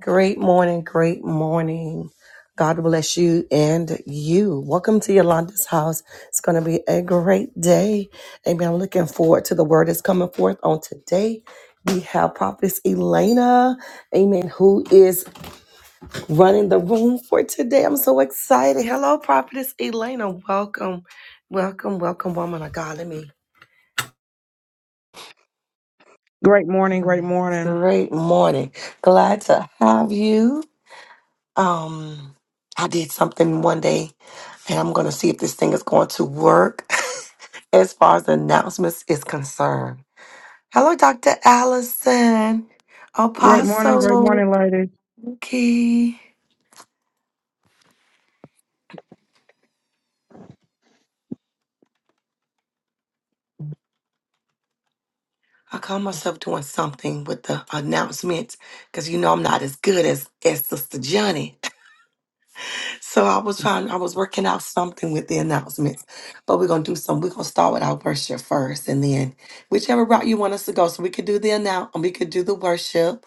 Great morning, great morning. God bless you and you. Welcome to Yolanda's house. It's going to be a great day. Amen. I'm looking forward to the word that's coming forth on today. We have Prophetess Elena, amen, who is running the room for today. I'm so excited. Hello, Prophetess Elena. Welcome, welcome, welcome, woman of God. Let me. Great morning, great um, morning. Great morning. Glad to have you. Um, I did something one day, and I'm gonna see if this thing is going to work as far as announcements is concerned. Hello, Dr. Allison, Great morning, great Apostle morning, ladies. Key. I call myself doing something with the announcements because you know I'm not as good as, as Sister Johnny. So I was trying, I was working out something with the announcements. But we're gonna do some, we're gonna start with our worship first and then whichever route you want us to go. So we could do the announce we could do the worship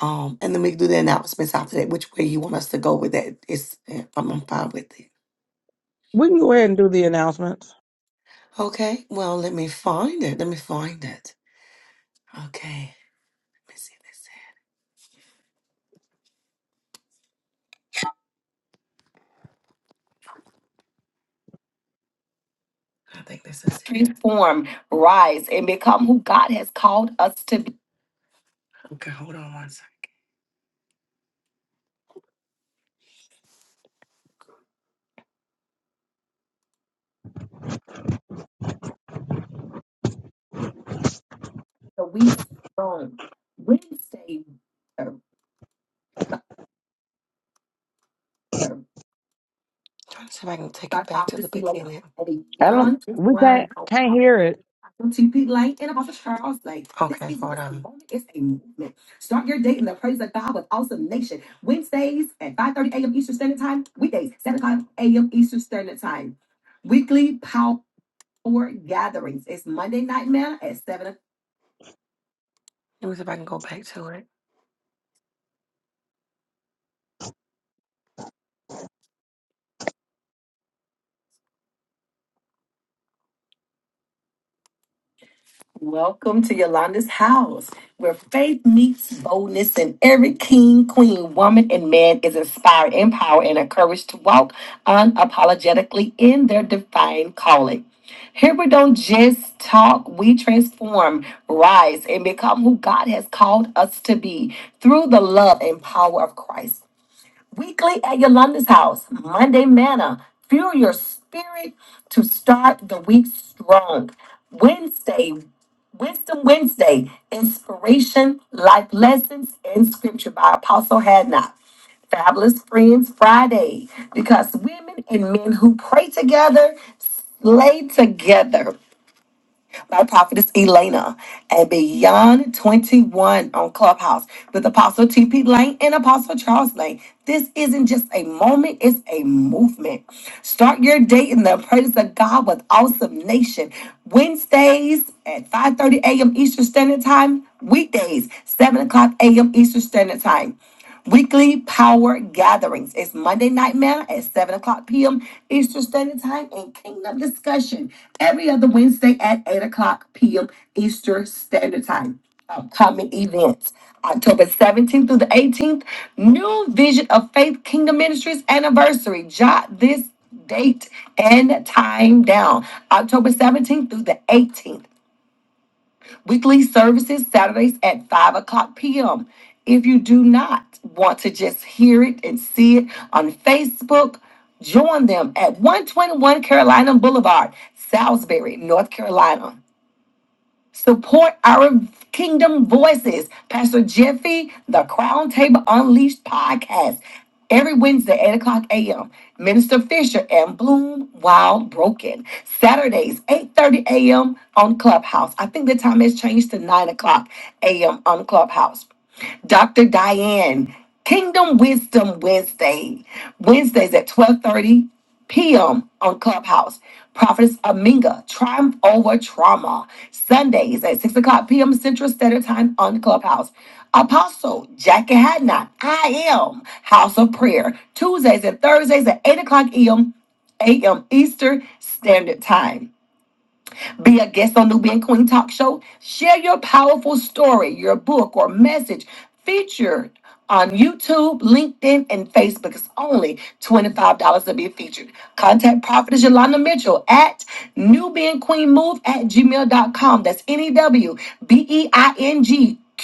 Um, and then we can do the announcements after that, which way you want us to go with that. It's, uh, I'm, I'm fine with it. We can go ahead and do the announcements. Okay, well, let me find it. Let me find it. Okay, let me see this. I think this is it. Transform, rise, and become who God has called us to be. Okay, hold on one second. The week's on Wednesday, uh, uh, Trying to see if I can take it back to the Prophecy beginning. and I don't beyond just we can't can't hear it. to be light and Apostle Charles. Like this Okay, is hold just a on. moment. It's a movement. Start your day in the praise of God with awesome nation. Wednesdays at 5:30 a.m. Eastern Standard Time. Weekdays, 7 o'clock a.m. Eastern Standard Time. Weekly power gatherings. It's Monday night manna at 7 o'clock. Let me see if I can go back to it. Welcome to Yolanda's house, where faith meets boldness, and every king, queen, woman, and man is inspired, empowered, and encouraged to walk unapologetically in their divine calling. Here we don't just talk, we transform, rise, and become who God has called us to be through the love and power of Christ. Weekly at Yolanda's house, Monday Manna, fuel your spirit to start the week strong. Wednesday Wisdom Wednesday, inspiration, life lessons, and scripture by Apostle Hadnot. Fabulous Friends Friday, because women and men who pray together lay together by Prophetess Elena and Beyond 21 on Clubhouse with Apostle TP Lane and Apostle Charles Lane. This isn't just a moment, it's a movement. Start your day in the presence of God with Awesome Nation. Wednesdays at 5:30 a.m. Eastern Standard Time, weekdays, 7 o'clock a.m. Eastern Standard Time. Weekly power gatherings. It's Monday Night Manna at 7 o'clock p.m. Eastern Standard Time and Kingdom Discussion every other Wednesday at 8 o'clock p.m. Eastern Standard Time. Upcoming events October 17th through the 18th, New Vision of Faith Kingdom Ministries anniversary. Jot this date and time down. October 17th through the 18th. Weekly services Saturdays at 5 o'clock p.m. If you do not want to just hear it and see it on Facebook, join them at 121 Carolina Boulevard, Salisbury, North Carolina. Support our Kingdom Voices, Pastor Jeffy, the Crown Table Unleashed podcast. Every Wednesday, 8 o'clock a.m., Minister Fisher and Bloom Wild Broken. Saturdays, 8.30 a.m. on Clubhouse. I think the time has changed to 9 o'clock a.m. on Clubhouse. Dr. Diane, Kingdom Wisdom Wednesday, Wednesdays at 12:30 p.m. on Clubhouse. Prophetess Aminga, Triumph Over Trauma, Sundays at 6 o'clock p.m. Central Standard Time on Clubhouse. Apostle Jackie Hadnot, I am House of Prayer, Tuesdays and Thursdays at 8 o'clock a.m. a.m. Eastern Standard Time. Be a guest on Nubian Queen Talk Show. Share your powerful story, your book, or message featured on YouTube, LinkedIn, and Facebook. It's only $25 to be featured. Contact Prophetess Yolanda Mitchell at newbeingqueenmove at gmail dot com. That's N-E-W-B-E-I-N-G.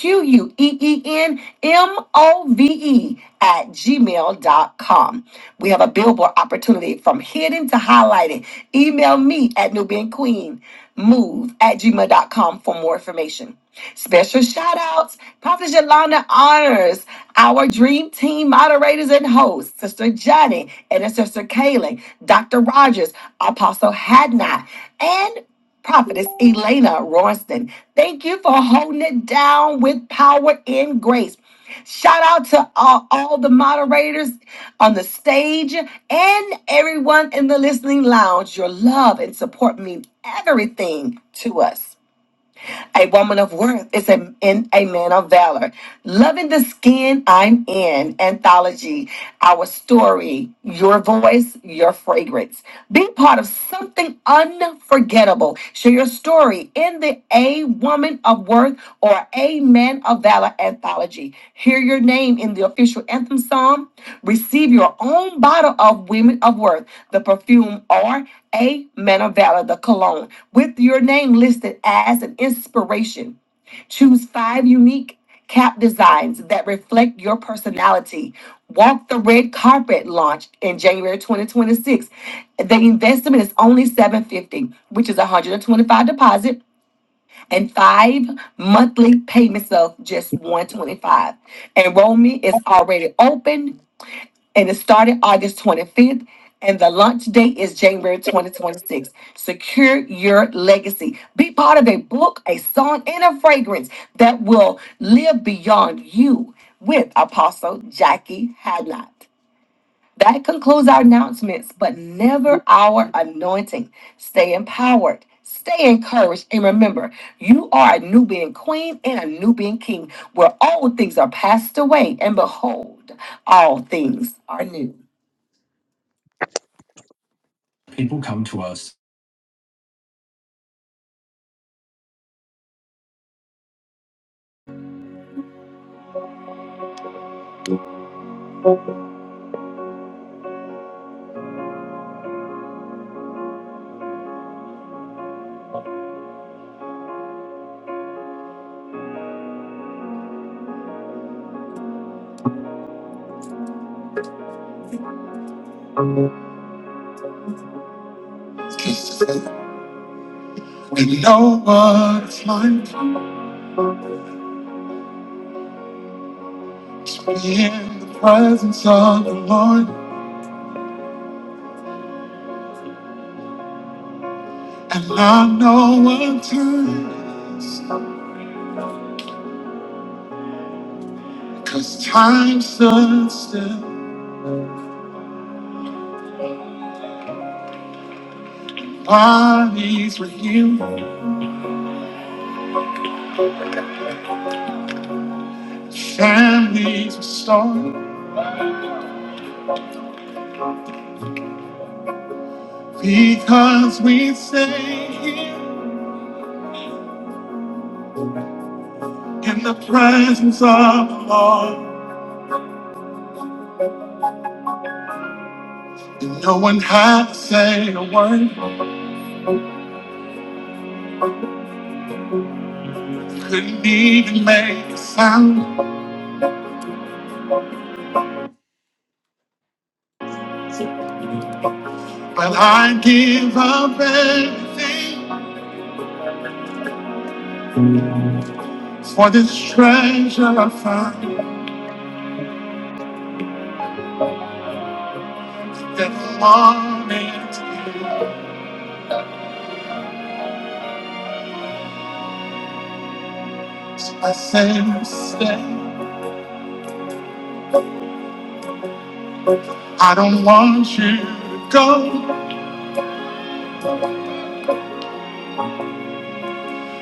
Q U E E N M O V E at gmail dot com. We have a billboard opportunity from hidden to highlighted. Email me at Nubian Queen move at gmail dot com for more information. Special shout outs. Prophet Yolanda honors our dream team moderators and hosts, Sister Johnny and Sister Kaylin, Dr. Rogers, Apostle Hadnot, and Prophetess Elena Royston. Thank you for holding it down with power and grace. Shout out to all, all the moderators on the stage and everyone in the listening lounge. Your love and support mean everything to us. A woman of worth is a, in a man of valor. Loving the skin I'm in, anthology, our story, your voice, your fragrance. Be part of something unforgettable. Share your story in the A Woman of Worth or A Man of Valor anthology. Hear your name in the official anthem song. Receive your own bottle of Women of Worth, the perfume, or A Man of Valor, the cologne with your name listed as an inspiration. Choose five unique cap designs that reflect your personality. Walk the red carpet launch in January 2026. The investment is only 750, which is 125 deposit and five monthly payments of just 125. Enrollment is already open and it started August 25th. And the launch date is January 2026. Secure your legacy. Be part of a book, a song, and a fragrance that will live beyond you with Apostle Jackie Hadnot. That concludes our announcements, but never our anointing. Stay empowered, stay encouraged, and remember you are a new being queen and a new being king, where old things are passed away, and behold, all things are new. People come to us. We know what it's like to be in the presence of the Lord and I know what time is. Because time stood still, bodies were healed, families restored. Because we stay here in the presence of the Lord. And no one had to say a word, couldn't even make a sound. But I give up everything for this treasure I find. That morning tears I say, stay. I don't want you to go.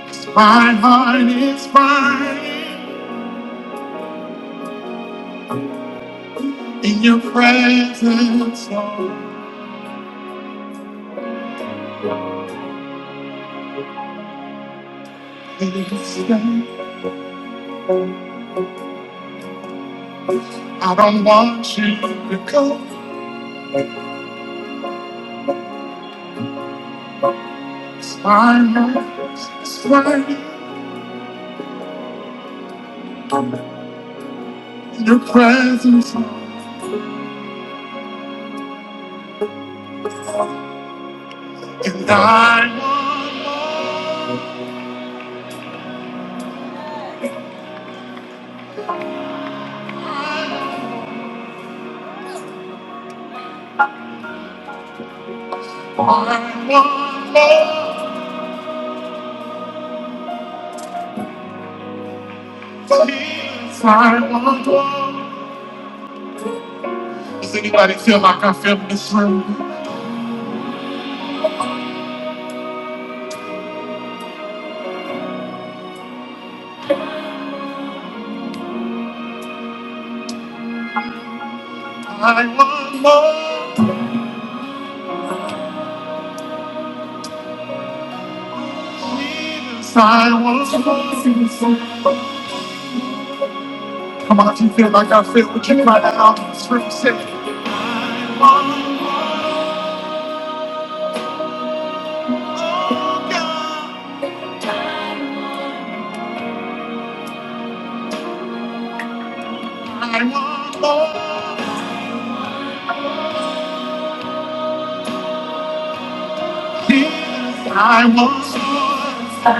'Cause My heart is burning in your presence, Lord. Please stay. I don't want you to go. 'Cause My heart is burning in your presence, Lord. and I want more. I want love. Yes, I want love. Does anybody feel like I feel in this room? I want love. Yes, I want love. Come on, if you feel like I feel, would you cry that out in this room? Say, I want love, God. I want love. Yes, I want love.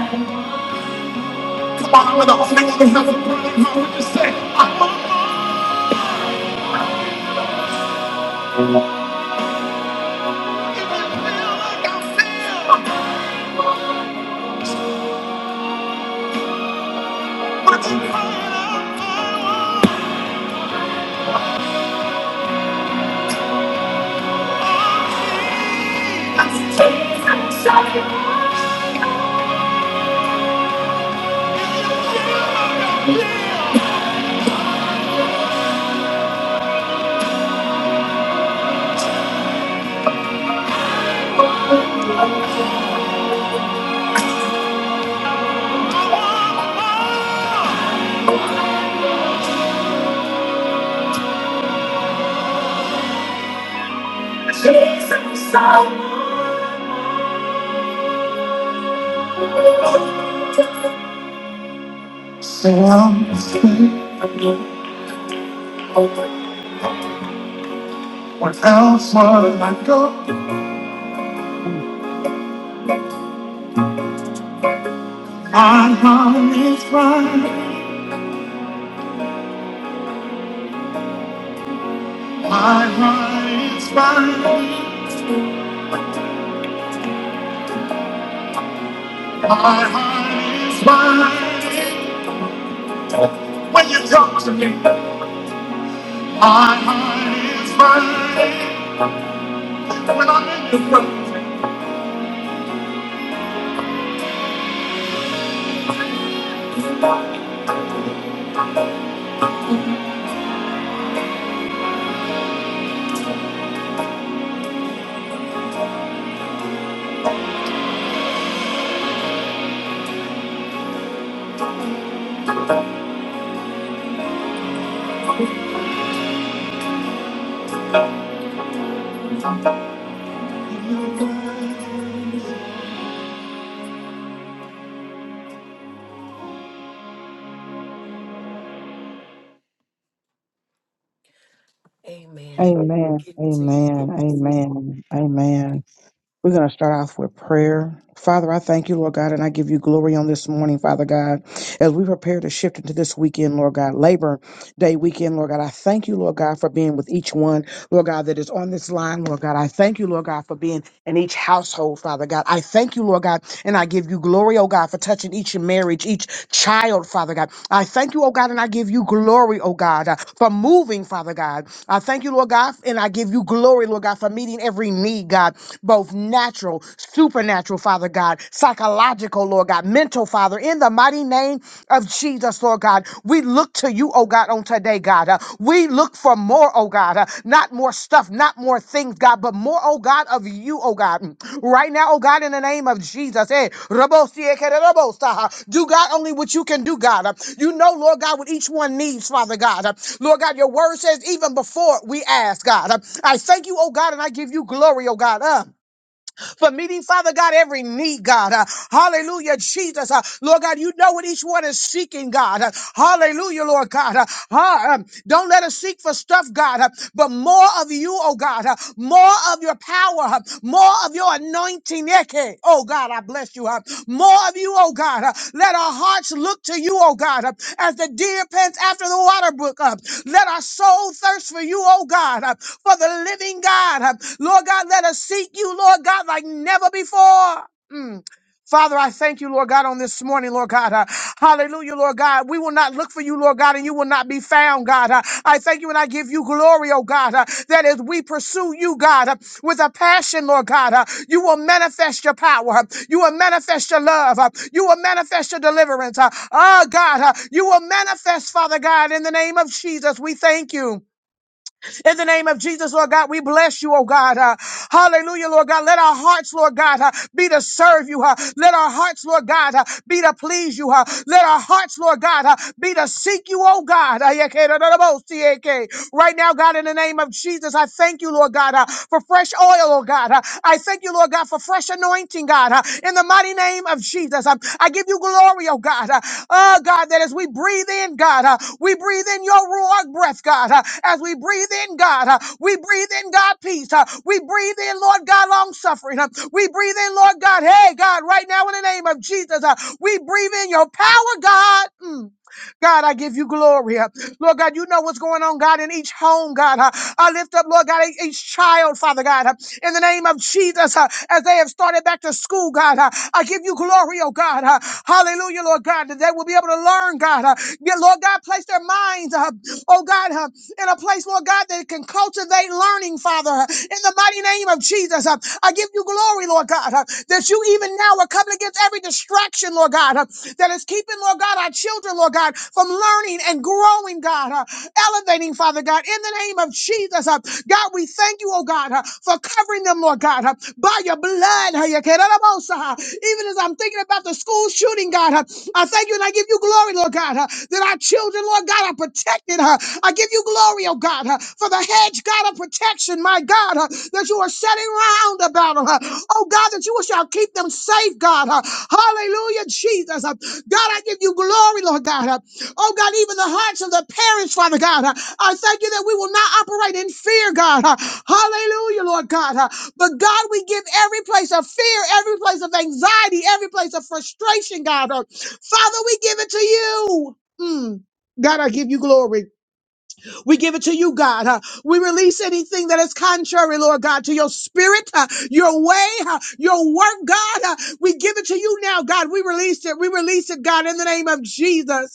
Come on, with the Holy One, who has a burning heart, would you say, I want love? What else would I go? My heart is fine. My heart is fine. My heart is fine. When you talk to me, my heart is fine. I Amen. Amen. Amen. Amen. We're going to start off with prayer. Father, I thank you, Lord God, and I give you glory on this morning, Father God, as we prepare to shift into this weekend, Lord God, Labor Day weekend, Lord God. I thank you, Lord God, for being with each one, Lord God, that is on this line, Lord God. I thank you, Lord God, for being and each household, Father God. I thank you, Lord God, and I give you glory, oh God, for touching each marriage, each child, Father God. I thank you, oh God, and I give you glory, oh God, uh, for moving, Father God. I thank you, Lord God, and I give you glory, Lord God, for meeting every need, God, both natural, supernatural, Father God, psychological, Lord God, mental, Father, in the mighty name of Jesus, Lord God. We look to you, oh God, on today, God. Uh, we look for more, oh God. Uh, not more stuff, not more things, God, but more, oh God, of you, oh God. Mm. Right now, oh God, in the name of Jesus. eh, Rabosi-eke-de-rabosa. Do, God, only what you can do, God. Uh, you know, Lord God, what each one needs, Father God. Uh, Lord God, your word says even before we ask, God. Uh, I thank you, oh God, and I give you glory, oh God. Uh, for meeting, Father God, every need, God. Uh, hallelujah, Jesus. Uh, Lord God, you know what each one is seeking, God. Uh, hallelujah, Lord God. Uh, ha- um, don't let us seek for stuff, God, uh, but more of you, oh God. Uh, more of your power, uh, more of your anointing. Eke. Oh God, I bless you. Uh, more of you, oh God. Uh, let our hearts look to you, oh God, uh, as the deer pants after the water brook. Uh, let our soul thirst for you, oh God. Uh, for the living God. Lord God, let us seek you, Lord God, like never before. Mm. Father, I thank you, Lord God, on this morning, Lord God. Uh, hallelujah, Lord God. We will not look for you, Lord God, and you will not be found, God. Uh, I thank you and I give you glory, oh God, uh, that as we pursue you, God, uh, with a passion, Lord God, uh, you will manifest your power. Uh, You will manifest your love. uh, You will manifest your deliverance. uh, Oh God, uh, you will manifest, Father God, in the name of Jesus. We thank you. In the name of Jesus, Lord God, we bless you, oh God. Uh, hallelujah, Lord God. Let our hearts, Lord God, uh, be to serve you. uh. let our hearts, Lord God, uh, be to please you. uh. let our hearts, Lord God, uh, be to seek you, oh God. Uh, right now, God, in the name of Jesus, I thank you, Lord God, uh, for fresh oil, oh God. Uh, I thank you, Lord God, for fresh anointing anointing, God, uh, in the mighty name of Jesus. Um, I give you glory, oh God. Uh, Oh God, that as we breathe in, God, uh, we breathe in your Ruach breath, God. Uh, As we breathe in, God, uh, we breathe in, God, peace. Uh, We breathe in, Lord God, long suffering. Uh, We breathe in, Lord God, hey, God, right now in the name of Jesus, uh, we breathe in your power, God. Mm. God, I give you glory. Uh, Lord God, you know what's going on, God, in each home, God. Uh, I lift up, Lord God, e- each child, Father God, uh, in the name of Jesus, uh, as they have started back to school, God. Uh, I give you glory, oh God. Uh, Hallelujah, Lord God, that they will be able to learn, God. Uh, yeah, Lord God, place their minds, uh, oh God, uh, in a place, Lord God, that can cultivate learning, Father, uh, in the mighty name of Jesus. Uh, I give you glory, Lord God, uh, that you even now are coming against every distraction, Lord God, uh, that is keeping, Lord God, our children, Lord God, from learning and growing, God, uh, elevating, Father God, in the name of Jesus. uh, God, we thank you, oh God, uh, for covering them, Lord God, uh, by your blood. uh, your kerarabosa, uh, Even as I'm thinking about the school shooting, God, uh, I thank you and I give you glory, Lord God, uh, that our children, Lord God, are protected. uh, I give you glory, oh God, uh, for the hedge, God, of protection, my God, uh, that you are setting round about them. uh, Oh God, that you shall keep them safe, God. uh, Hallelujah, Jesus. uh, God, I give you glory, Lord God. uh, Oh God, even the hearts of the parents, Father God. Uh, I thank you that we will not operate in fear, God. Uh, Hallelujah, Lord God. Uh, But God, we give every place of fear, every place of anxiety, every place of frustration, God. Uh, Father, we give it to you. Mm. God, I give you glory. We give it to you, God. Uh, we release anything that is contrary, Lord God, to your spirit, uh, your way, uh, your work, God. Uh, we give it to you now, God. We release it. We release it, God, in the name of Jesus.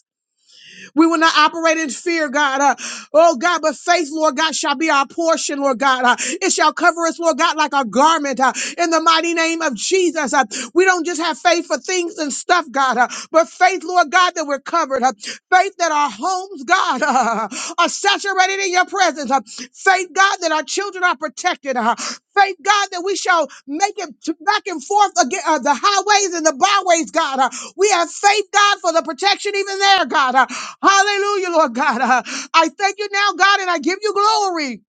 We will not operate in fear, God. Uh, oh, God, but faith, Lord God, shall be our portion, Lord God. Uh, it shall cover us, Lord God, like a garment uh, in the mighty name of Jesus. Uh, we don't just have faith for things and stuff, God, uh, but faith, Lord God, that we're covered. Uh, faith that our homes, God, uh, are saturated in your presence. Uh, faith, God, that our children are protected. Uh, faith, God, that we shall make it to back and forth again, uh, the highways and the byways, God. Uh, we have faith, God, for the protection even there, God. Uh, Hallelujah, Lord God. Uh, I thank you now, God, and I give you glory.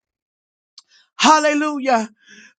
Hallelujah.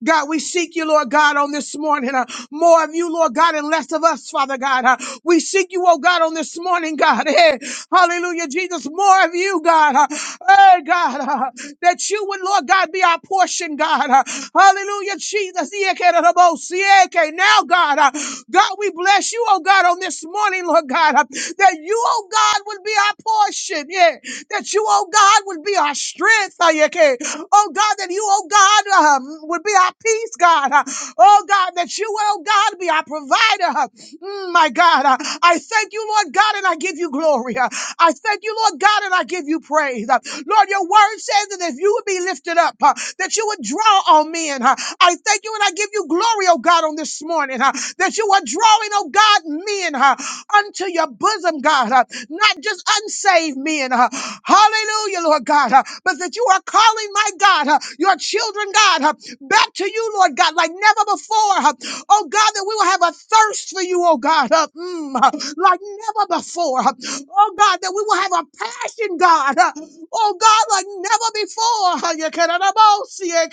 God, we seek you, Lord God, on this morning. uh, more of you, Lord God, and less of us, Father God. uh, we seek you, oh God, on this morning, God. eh, hallelujah, Jesus. More of you, God. Uh, hey, God, uh, that you would, Lord God, be our portion, God. uh, hallelujah, Jesus. Now, God, uh, God, we bless you, oh God, on this morning, Lord God, uh, that you, oh God, would be our portion. Yeah. That you, oh God, would be our strength. uh, yeah, okay. Oh God, that you, oh God, um, would be our peace, God. uh, Oh God, that you, oh God, be our provider. uh, Mm, my God, uh, I thank you, Lord God, and I give you glory. Uh, I thank you, Lord God, and I give you praise. Uh, Lord, your word says that if you would be lifted up, uh, that you would draw all men. uh, I thank you, and I give you glory, oh God, on this morning, uh, that you are drawing, oh God, men uh, unto your bosom, God, uh, not just unsaved men. uh, Hallelujah, Lord God, uh, but that you are calling, my God, uh, your children, God, uh, back to you, Lord God, like never before. Uh, Oh God, that we will have a thirst for you, oh God, uh, mm, uh, like never before. uh, Oh God, that we will have a passion, God. uh, Oh God, like never before. uh, you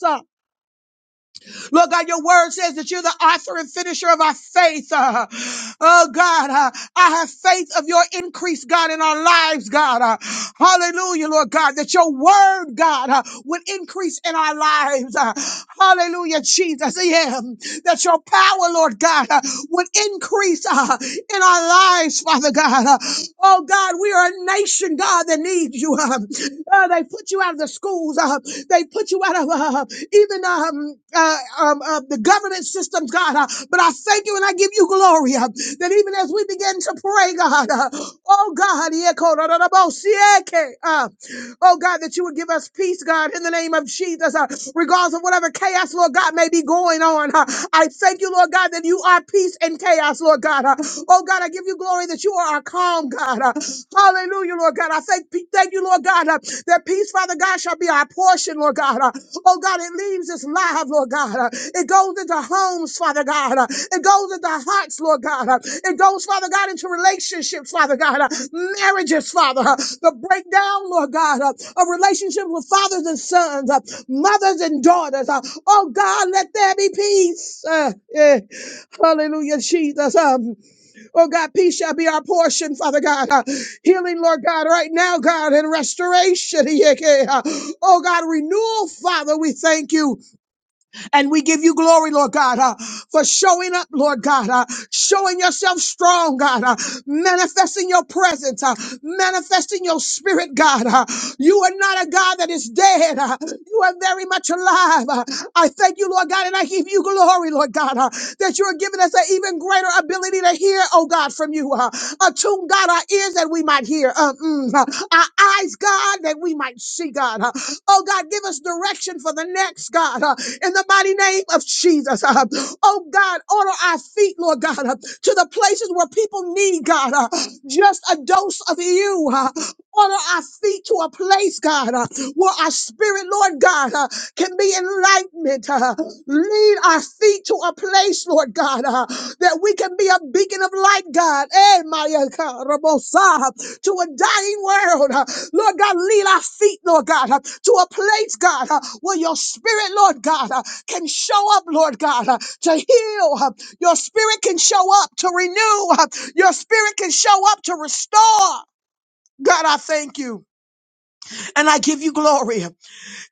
can't Lord God, your word says that you're the author and finisher of our faith. Uh, oh God, uh, I have faith of your increase, God, in our lives, God. Uh, hallelujah, Lord God, that your word, God, uh, would increase in our lives. Uh, hallelujah, Jesus. Yeah, that your power, Lord God, uh, would increase uh, in our lives, Father God. Uh, oh God, we are a nation, God, that needs you. Uh, uh, they put put you out of the schools. Uh, they put you out of uh, even uh, um, uh, um, uh, the government systems, God. Uh, but I thank you and I give you glory uh, that even as we begin to pray, God, uh, oh God, yeah, ko- da- da- da- bo- si- eh, ke- uh, oh God, that you would give us peace, God, in the name of Jesus, uh, regardless of whatever chaos, Lord God, may be going on. uh, I thank you, Lord God, that you are peace and chaos, Lord God. uh, oh God, I give you glory that you are our calm strong, God. Uh, Hallelujah, Lord God. I thank, thank you, Lord God, uh, that peace, Father God, shall be our portion, Lord God. Uh, Oh God, it leaves us live, Lord God. Uh, It goes into homes, Father God. Uh, It goes into hearts, Lord God. Uh, It goes, Father God, into relationships, Father God. Uh, Marriages, Father. Uh, The breakdown, Lord God, uh, of relationships with fathers and sons, uh, mothers and daughters. Uh, Oh God, let there be peace. Uh, yeah. Hallelujah, Jesus. Um, Oh God, peace shall be our portion, Father God. Uh, healing, Lord God, right now, God, and restoration. Oh God, renewal, Father, we thank you. And we give you glory, Lord God, uh, for showing up, Lord God, uh, showing yourself strong, God, uh, manifesting your presence, uh, manifesting your spirit, God. uh. you are not a God that is dead. uh. you are very much alive. uh. I thank you, Lord God, and I give you glory, Lord God, uh, that you are giving us an even greater ability to hear, oh God, from you. Uh, attune, God, our ears that we might hear, uh, mm, uh, our eyes, God, that we might see, God. uh, Oh God, give us direction for the next, God, uh, in the mighty name of Jesus. Uh, oh God, order our feet, Lord God, uh, to the places where people need, God, uh, just a dose of you. Uh, order our feet to a place, God, uh, where our spirit, Lord God, uh, can be enlightenment. Uh, lead our feet to a place, Lord God, uh, that we can be a beacon of light, God. Eh, Maya Ka Rabosa to a dying world. uh, Lord God, lead our feet, Lord God, uh, to a place, God, uh, where your spirit, Lord God, uh, can show up, Lord God, uh, to heal. uh, Your spirit can show up to renew. uh, Your spirit can show up to restore. God, I thank you and I give you glory.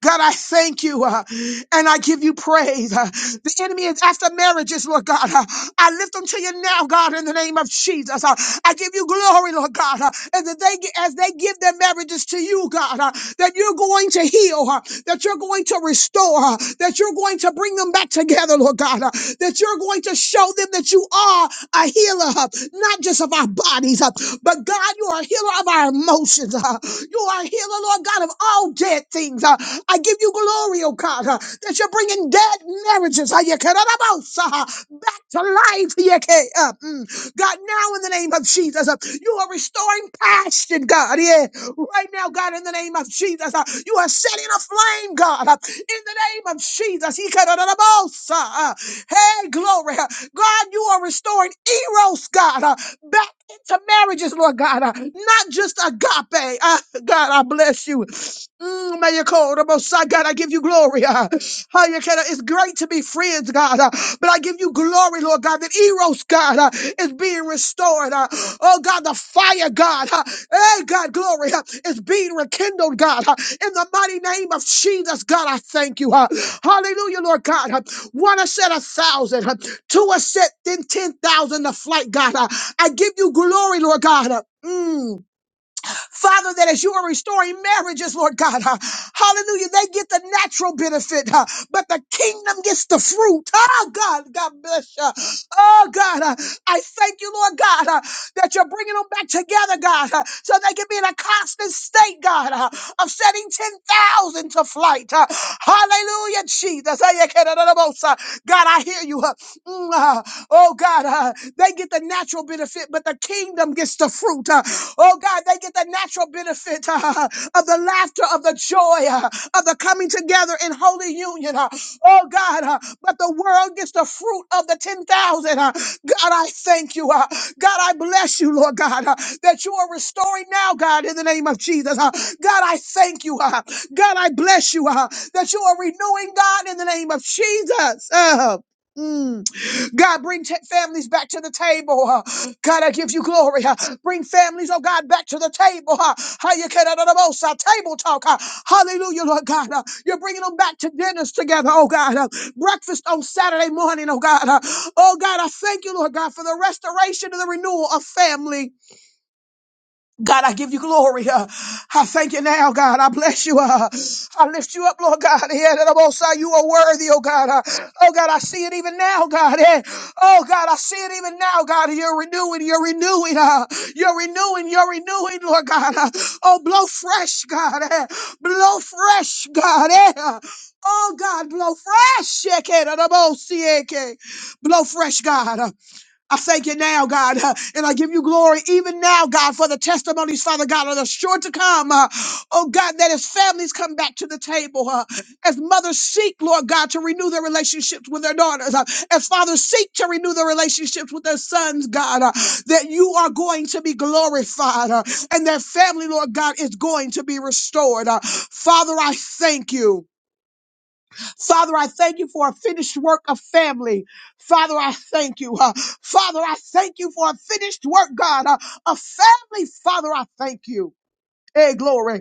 God, I thank you uh, and I give you praise. Uh, the enemy is after marriages, Lord God. Uh, I lift them to you now, God, in the name of Jesus. Uh, I give you glory, Lord God, uh, and that they as they give their marriages to you, God, uh, that you're going to heal, uh, that you're going to restore, uh, that you're going to bring them back together, Lord God, uh, that you're going to show them that you are a healer, uh, not just of our bodies, uh, but God, you are are healer of our emotions. uh. You are healer, Lord God, of all dead things. uh. I give you glory, oh God, uh, that you're bringing dead marriages uh, yekarabos, uh, uh, uh, uh, back to life. yeke, uh, mm. God, now in the name of Jesus, uh, you are restoring passion, God. Yeah, right now, God, in the name of Jesus, uh, you are setting a flame, God, uh, in the name of Jesus. yekarabos, uh, uh, uh, uh, uh, Hey, glory. uh, God, you are restoring Eros, God, uh, back into marriages, Lord God, uh, not just agape. Uh, God, I bless you. Mm, may you call the most high God. I give you glory. ah. Ah, you can- It's great to be friends, God. ah, But I give you glory, Lord God, that Eros, God, ah, is being restored. ah. Oh, God, the fire, God. ah, Hey, God, glory ah, is being rekindled, God. ah. In the mighty name of Jesus, God, I thank you. ah. Hallelujah, Lord God. ah. One has said a thousand, ah. two has said then 10,000 to flight, God. ah. I give you glory, Lord God. ah. Mm. Father, that as you are restoring marriages, Lord God, uh, hallelujah, they get the natural benefit, uh, but the kingdom gets the fruit. Oh, God, God bless you. Oh, God, uh, I thank you, Lord God, uh, that you're bringing them back together, God, uh, so they can be in a constant state, God, uh, of setting 10,000 to flight. uh, hallelujah, Jesus. God, I hear you. uh, Mm, uh, oh God, uh, they get the natural benefit, but the kingdom gets the fruit. Uh, Oh God, they get the natural benefit uh, of the laughter, of the joy, uh, of the coming together in holy union. uh, Oh God, uh, but the world gets the fruit of the 10,000. uh, God, I thank you. uh, God, I bless you, Lord God, uh, that you are restoring now, God, in the name of Jesus. uh, God, I thank you. uh, God, I bless you uh, that you are renewing, God, in the name of Jesus. Uh, mm. God, bring ta- families back to the table. uh, God, I give you glory. uh, Bring families, oh God, back to the table. uh, how you can- uh, Table talk. uh, Hallelujah, Lord God. uh, You're bringing them back to dinners together, oh God. uh, Breakfast on Saturday morning, oh God. uh, Oh God, I thank you, Lord God, for the restoration and the renewal of family. God, I give you glory. Uh, I thank you now, God. I bless you. Uh, I lift you up, Lord God. Yeah, that I'm outside. you are worthy, oh God. Uh, oh God, I see it even now, God. Yeah. Oh God, I see it even now, God. You're renewing, you're renewing, uh, you're renewing, you're renewing, Lord God. Uh, oh, blow fresh, God. Eh. Blow fresh, God. Eh. Uh, Oh God, blow fresh. Yeah, okay, that I'm outside. Blow fresh, God. Uh, I thank you now, God, uh, and I give you glory even now, God, for the testimonies, Father God, that are sure to come. uh, Oh, God, that as families come back to the table, uh, as mothers seek, Lord God, to renew their relationships with their daughters, uh, as fathers seek to renew their relationships with their sons, God, uh, that you are going to be glorified uh, and their family, Lord God, is going to be restored. Uh, Father, I thank you. Father, I thank you for a finished work of family. Father, I thank you. Uh, Father, I thank you for a finished work, God, uh, of family. Father, I thank you. Hey, glory.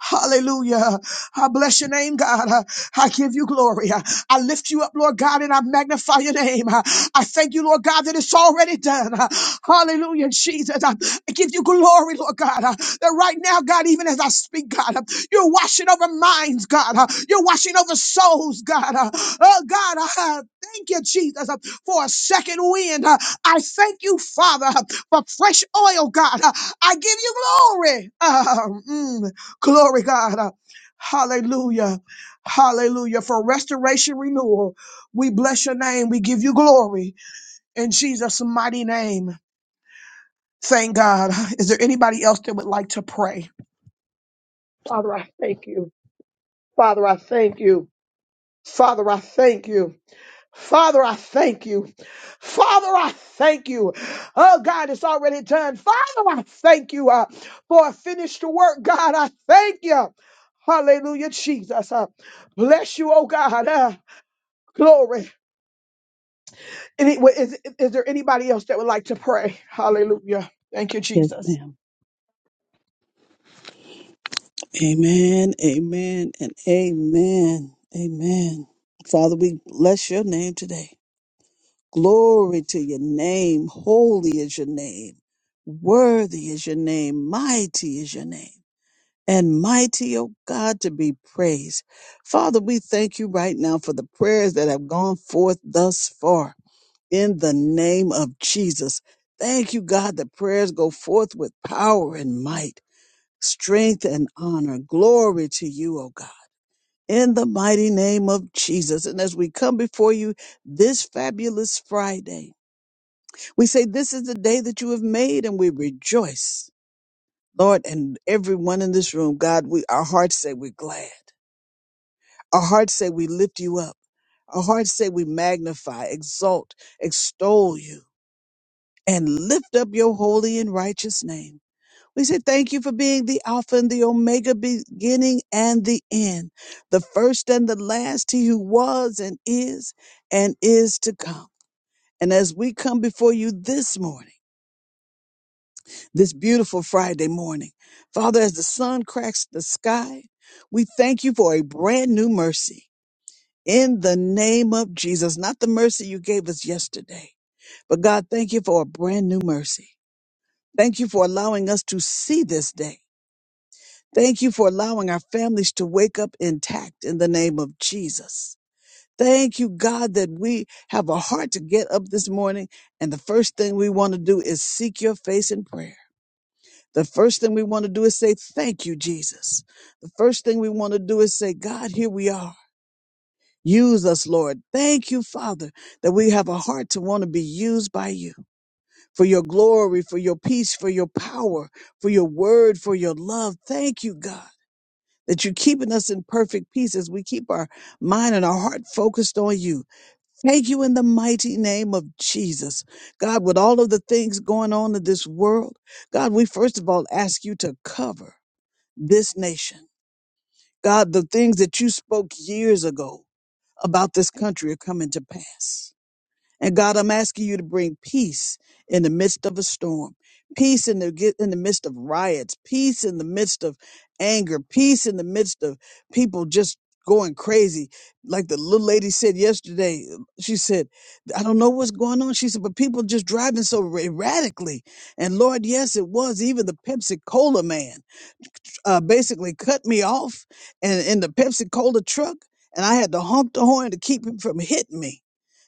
Hallelujah. I bless your name, God. I I give you glory. I I lift you up, Lord God, and I magnify your name. I I thank you, Lord God, that it's already done. Uh, Hallelujah, Jesus. I I give you glory, Lord God, uh, that right now, God, even as I speak, God, uh, you're washing over minds, God. uh, You're washing over souls, God. uh, Oh, God, I uh, thank you, Jesus, uh, for a second wind. uh, I thank you, Father, uh, for fresh oil, God. uh, I give you glory. Uh, mm. Glory, God. Uh, Hallelujah. Hallelujah. For restoration renewal, we bless your name. We give you glory in Jesus' mighty name. Thank God. Is there anybody else that would like to pray? Father, I thank you. Father, I thank you. Father, I thank you. Father, I thank you. Father, I thank you. Oh, God, it's already done. Father, I thank you uh, for a finished work. God, I thank you. Hallelujah, Jesus. Uh, bless you, oh God. Uh, glory. Any, wa- is, is there anybody else that would like to pray? Hallelujah. Thank you, Yes, Jesus. ma'am. Amen, amen, and amen, amen. Father, we bless your name today. Glory to your name. Holy is your name. Worthy is your name. Mighty is your name. And mighty, O God, to be praised. Father, we thank you right now for the prayers that have gone forth thus far in the name of Jesus. Thank you, God, that prayers go forth with power and might. strength and honor. Glory to you, O God. In the mighty name of Jesus. And as we come before you this fabulous Friday, we say, This is the day that you have made, and we rejoice. Lord, and everyone in this room, God, we our hearts say we're glad. Our hearts say we lift you up. Our hearts say we magnify, exalt, extol you, and lift up your holy and righteous name. We say thank you for being the Alpha and the Omega, beginning and the end, the first and the last, He who was and is and is to come. And as we come before you this morning, this beautiful Friday morning, Father, as the sun cracks the sky, we thank you for a brand new mercy in the name of Jesus, not the mercy you gave us yesterday. But God, thank you for a brand new mercy. Thank you for allowing us to see this day. Thank you for allowing our families to wake up intact in the name of Jesus. Thank you, God, that we have a heart to get up this morning. And the first thing we want to do is seek your face in prayer. The first thing we want to do is say, Thank you, Jesus. The first thing we want to do is say, God, here we are. Use us, Lord. Thank you, Father, that we have a heart to want to be used by you for your glory, for your peace, for your power, for your word, for your love. Thank you, God. that you're keeping us in perfect peace as we keep our mind and our heart focused on you. Thank you in the mighty name of Jesus. God, with all of the things going on in this world, God, we first of all ask you to cover this nation. God, the things that you spoke years ago about this country are coming to pass. And God, I'm asking you to bring peace in the midst of a storm, peace in the ge- in the midst of riots, peace in the midst of anger, peace in the midst of people just going crazy. Like the little lady said yesterday, she said, "I don't know what's going on." She said, "But people just driving so ra- erratically." And Lord, yes, it was even the Pepsi Cola man uh, basically cut me off, and in in the Pepsi Cola truck, and I had to honk the horn to keep him from hitting me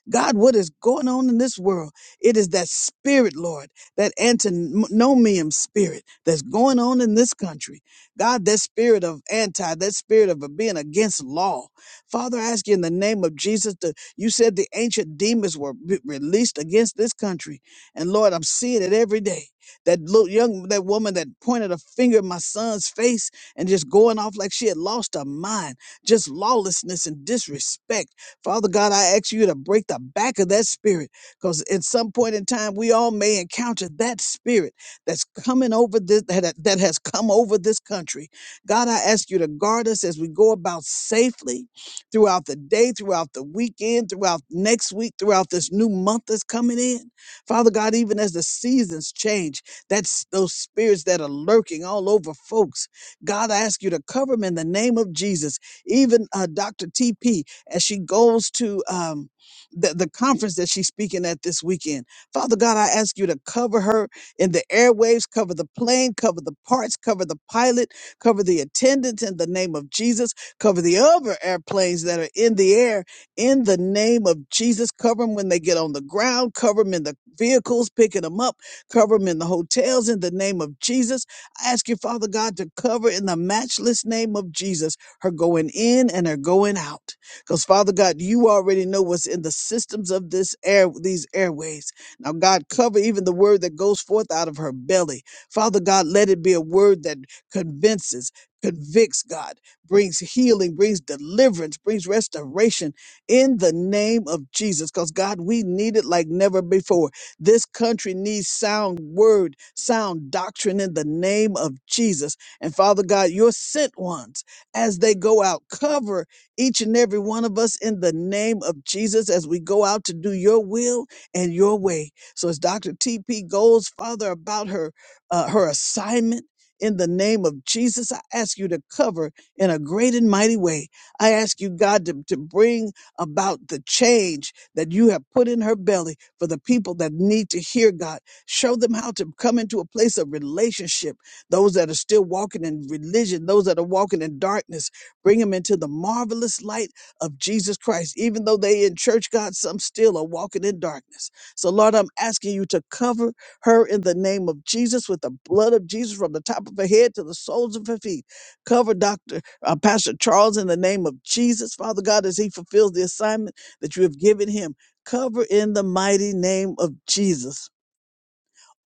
God, what is going on in this world? It is that spirit, Lord, that antinomium spirit that's going on in this country. God, that spirit of anti, that spirit of being against law. Father, I ask you in the name of Jesus, to, you said the ancient demons were re- released against this country. And Lord, I'm seeing it every day. That little young, that woman that pointed a finger at my son's face and just going off like she had lost her mind, just lawlessness and disrespect Father God, I ask you to break the back of that spirit because at some point in time, we all may encounter that spirit that's coming over this, that, that has come over this country. God, I ask you to guard us as we go about safely throughout the day, throughout the weekend, throughout next week, throughout this new month that's coming in. Father God, even as the seasons change, that's those spirits that are lurking all over folks. God, I ask you to cover them in the name of Jesus. Even uh, Dr. TP, as she goes to um, the, the conference that she's speaking at this weekend. Father God, I ask you to cover her in the airwaves, cover the plane, cover the parts, cover the pilot, cover the attendants in the name of Jesus, cover the other airplanes that are in the air in the name of Jesus. Cover them when they get on the ground, cover them in the vehicles, picking them up, cover them in the hotels in the name of Jesus. I ask you, Father God, to cover in the matchless name of Jesus her going in and her going out. Because Father God, you already know what's in the systems of this air, these airways. Now, God, cover even the word that goes forth out of her belly. Father God, let it be a word that convinces, convicts God, brings healing, brings deliverance, brings restoration in the name of Jesus. Because God, we need it like never before. This country needs sound word, sound doctrine in the name of Jesus. And Father God, your sent ones, as they go out, cover each and every one of us in the name of Jesus as we go out to do your will and your way. So as Dr. TP goes, Father, about her uh, her assignment in the name of Jesus, I ask you to cover in a great and mighty way. I ask you, God, to, to bring about the change that you have put in her belly for the people that need to hear God. Show them how to come into a place of relationship. Those that are still walking in religion, those that are walking in darkness, Bring them into the marvelous light of Jesus Christ. Even though they in church, God, some still are walking in darkness. So Lord, I'm asking you to cover her in the name of Jesus with the blood of Jesus from the top of her head to the soles of her feet. Cover Dr. uh, Pastor Charles in the name of Jesus, Father God, as he fulfills the assignment that you have given him. Cover in the mighty name of Jesus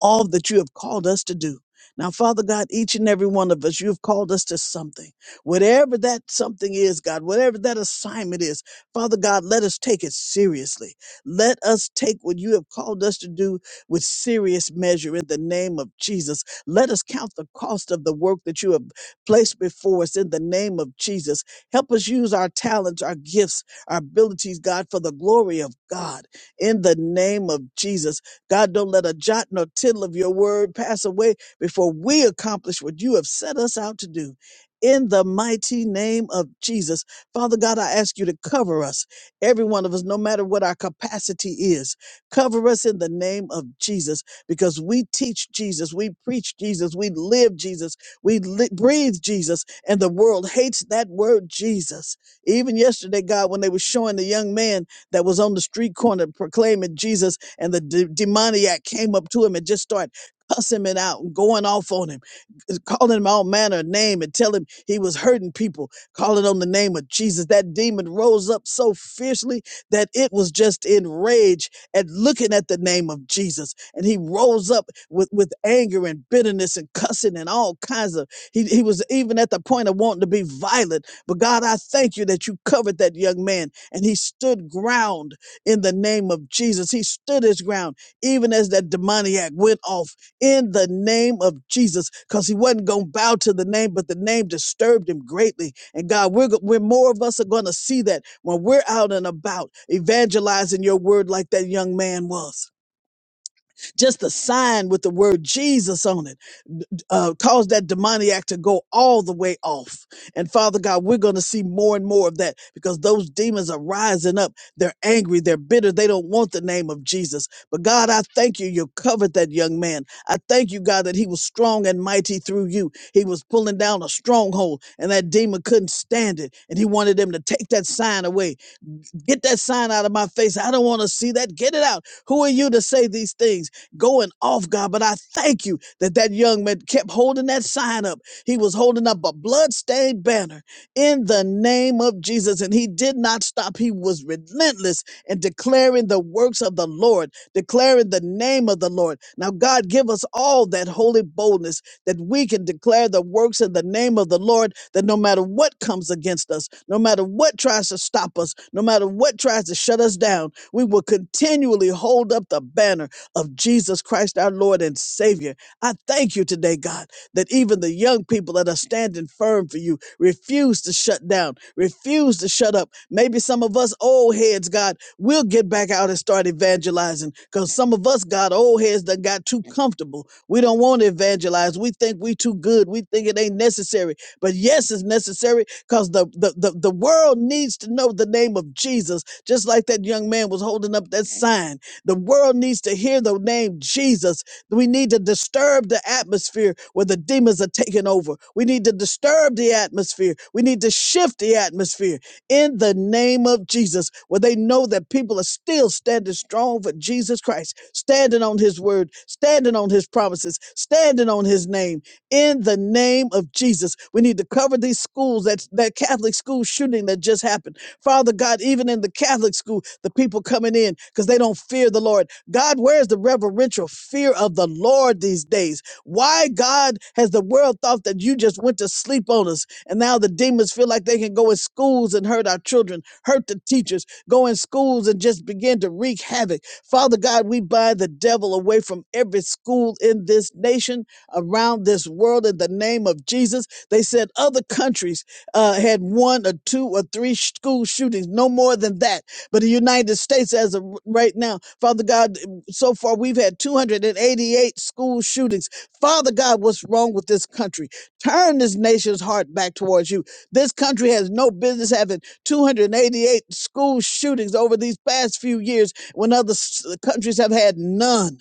all that you have called us to do. Now, Father God, each and every one of us, you have called us to something. Whatever that something is, God, whatever that assignment is, Father God, let us take it seriously. Let us take what you have called us to do with serious measure in the name of Jesus. Let us count the cost of the work that you have placed before us in the name of Jesus. Help us use our talents, our gifts, our abilities, God, for the glory of God in the name of Jesus. God, don't let a jot nor tittle of your word pass away before we accomplish what you have set us out to do. In the mighty name of Jesus. Father God, I ask you to cover us, every one of us, no matter what our capacity is. Cover us in the name of Jesus because we teach Jesus, we preach Jesus, we live Jesus, we li- breathe Jesus, and the world hates that word Jesus. Even yesterday, God, when they were showing the young man that was on the street corner proclaiming Jesus and the de- demoniac came up to him and just started cussing him out and going off on him, calling him all manner of name and telling him he was hurting people, calling on the name of Jesus. That demon rose up so fiercely that it was just in rage at looking at the name of Jesus. And he rose up with, with anger and bitterness and cussing and all kinds of he, he was even at the point of wanting to be violent. But God, I thank you that you covered that young man and he stood ground in the name of Jesus. He stood his ground even as that demoniac went off in the name of Jesus because he wasn't going to bow to the name, but the name disturbed him greatly. And God, we're, go- we're more of us are going to see that when we're out and about evangelizing your word like that young man was. Just a sign with the word Jesus on it uh, caused that demoniac to go all the way off. And Father God, we're going to see more and more of that because those demons are rising up. They're angry. They're bitter. They don't want the name of Jesus. But God, I thank you. You covered that young man. I thank you, God, that he was strong and mighty through you. He was pulling down a stronghold and that demon couldn't stand it. And he wanted them to take that sign away Get that sign out of my face. I don't want to see that. Get it out. Who are you to say these things? Going off, God. But I thank you that that young man kept holding that sign up. He was holding up a blood-stained banner in the name of Jesus. And he did not stop. He was relentless in declaring the works of the Lord, declaring the name of the Lord. Now, God, give us all that holy boldness that we can declare the works in the name of the Lord, that no matter what comes against us, no matter what tries to stop us, no matter what tries to shut us down, we will continually hold up the banner of Jesus Christ, our Lord and Savior. I thank you today, God, that even the young people that are standing firm for you refuse to shut down, refuse to shut up. Maybe some of us old heads, God, We'll get back out and start evangelizing because some of us got old heads that got too comfortable. We don't want to evangelize. We think we too good. We think it ain't necessary. But yes, it's necessary because the, the, the, the world needs to know the name of Jesus, just like that young man was holding up that sign. The world needs to hear the name Jesus. We need to disturb the atmosphere where the demons are taking over. We need to disturb the atmosphere. We need to shift the atmosphere in the name of Jesus, where they know that people are still standing strong for Jesus Christ, standing on his word, standing on his promises, standing on his name. In the name of Jesus, we need to cover these schools that that Catholic school shooting that just happened. Father God, even in the Catholic school, the people coming in because they don't fear the Lord. God, where's the reverential fear of the Lord these days? Why, God, has the world thought that you just went to sleep on us? And now the demons feel like they can go in schools and hurt our children, hurt the teachers, go in schools and just begin to wreak havoc. Father God, we bind the devil away from every school in this nation, around this world, in the name of Jesus. They said other countries uh, had one or two or three school shootings, no more than that. But the United States, as of right now, Father God, so far we've had 288 school shootings. Father God, what's wrong with this country? Turn this nation's heart back towards you. This country has no business having 288 school shootings over these past few years when other s- countries have had none.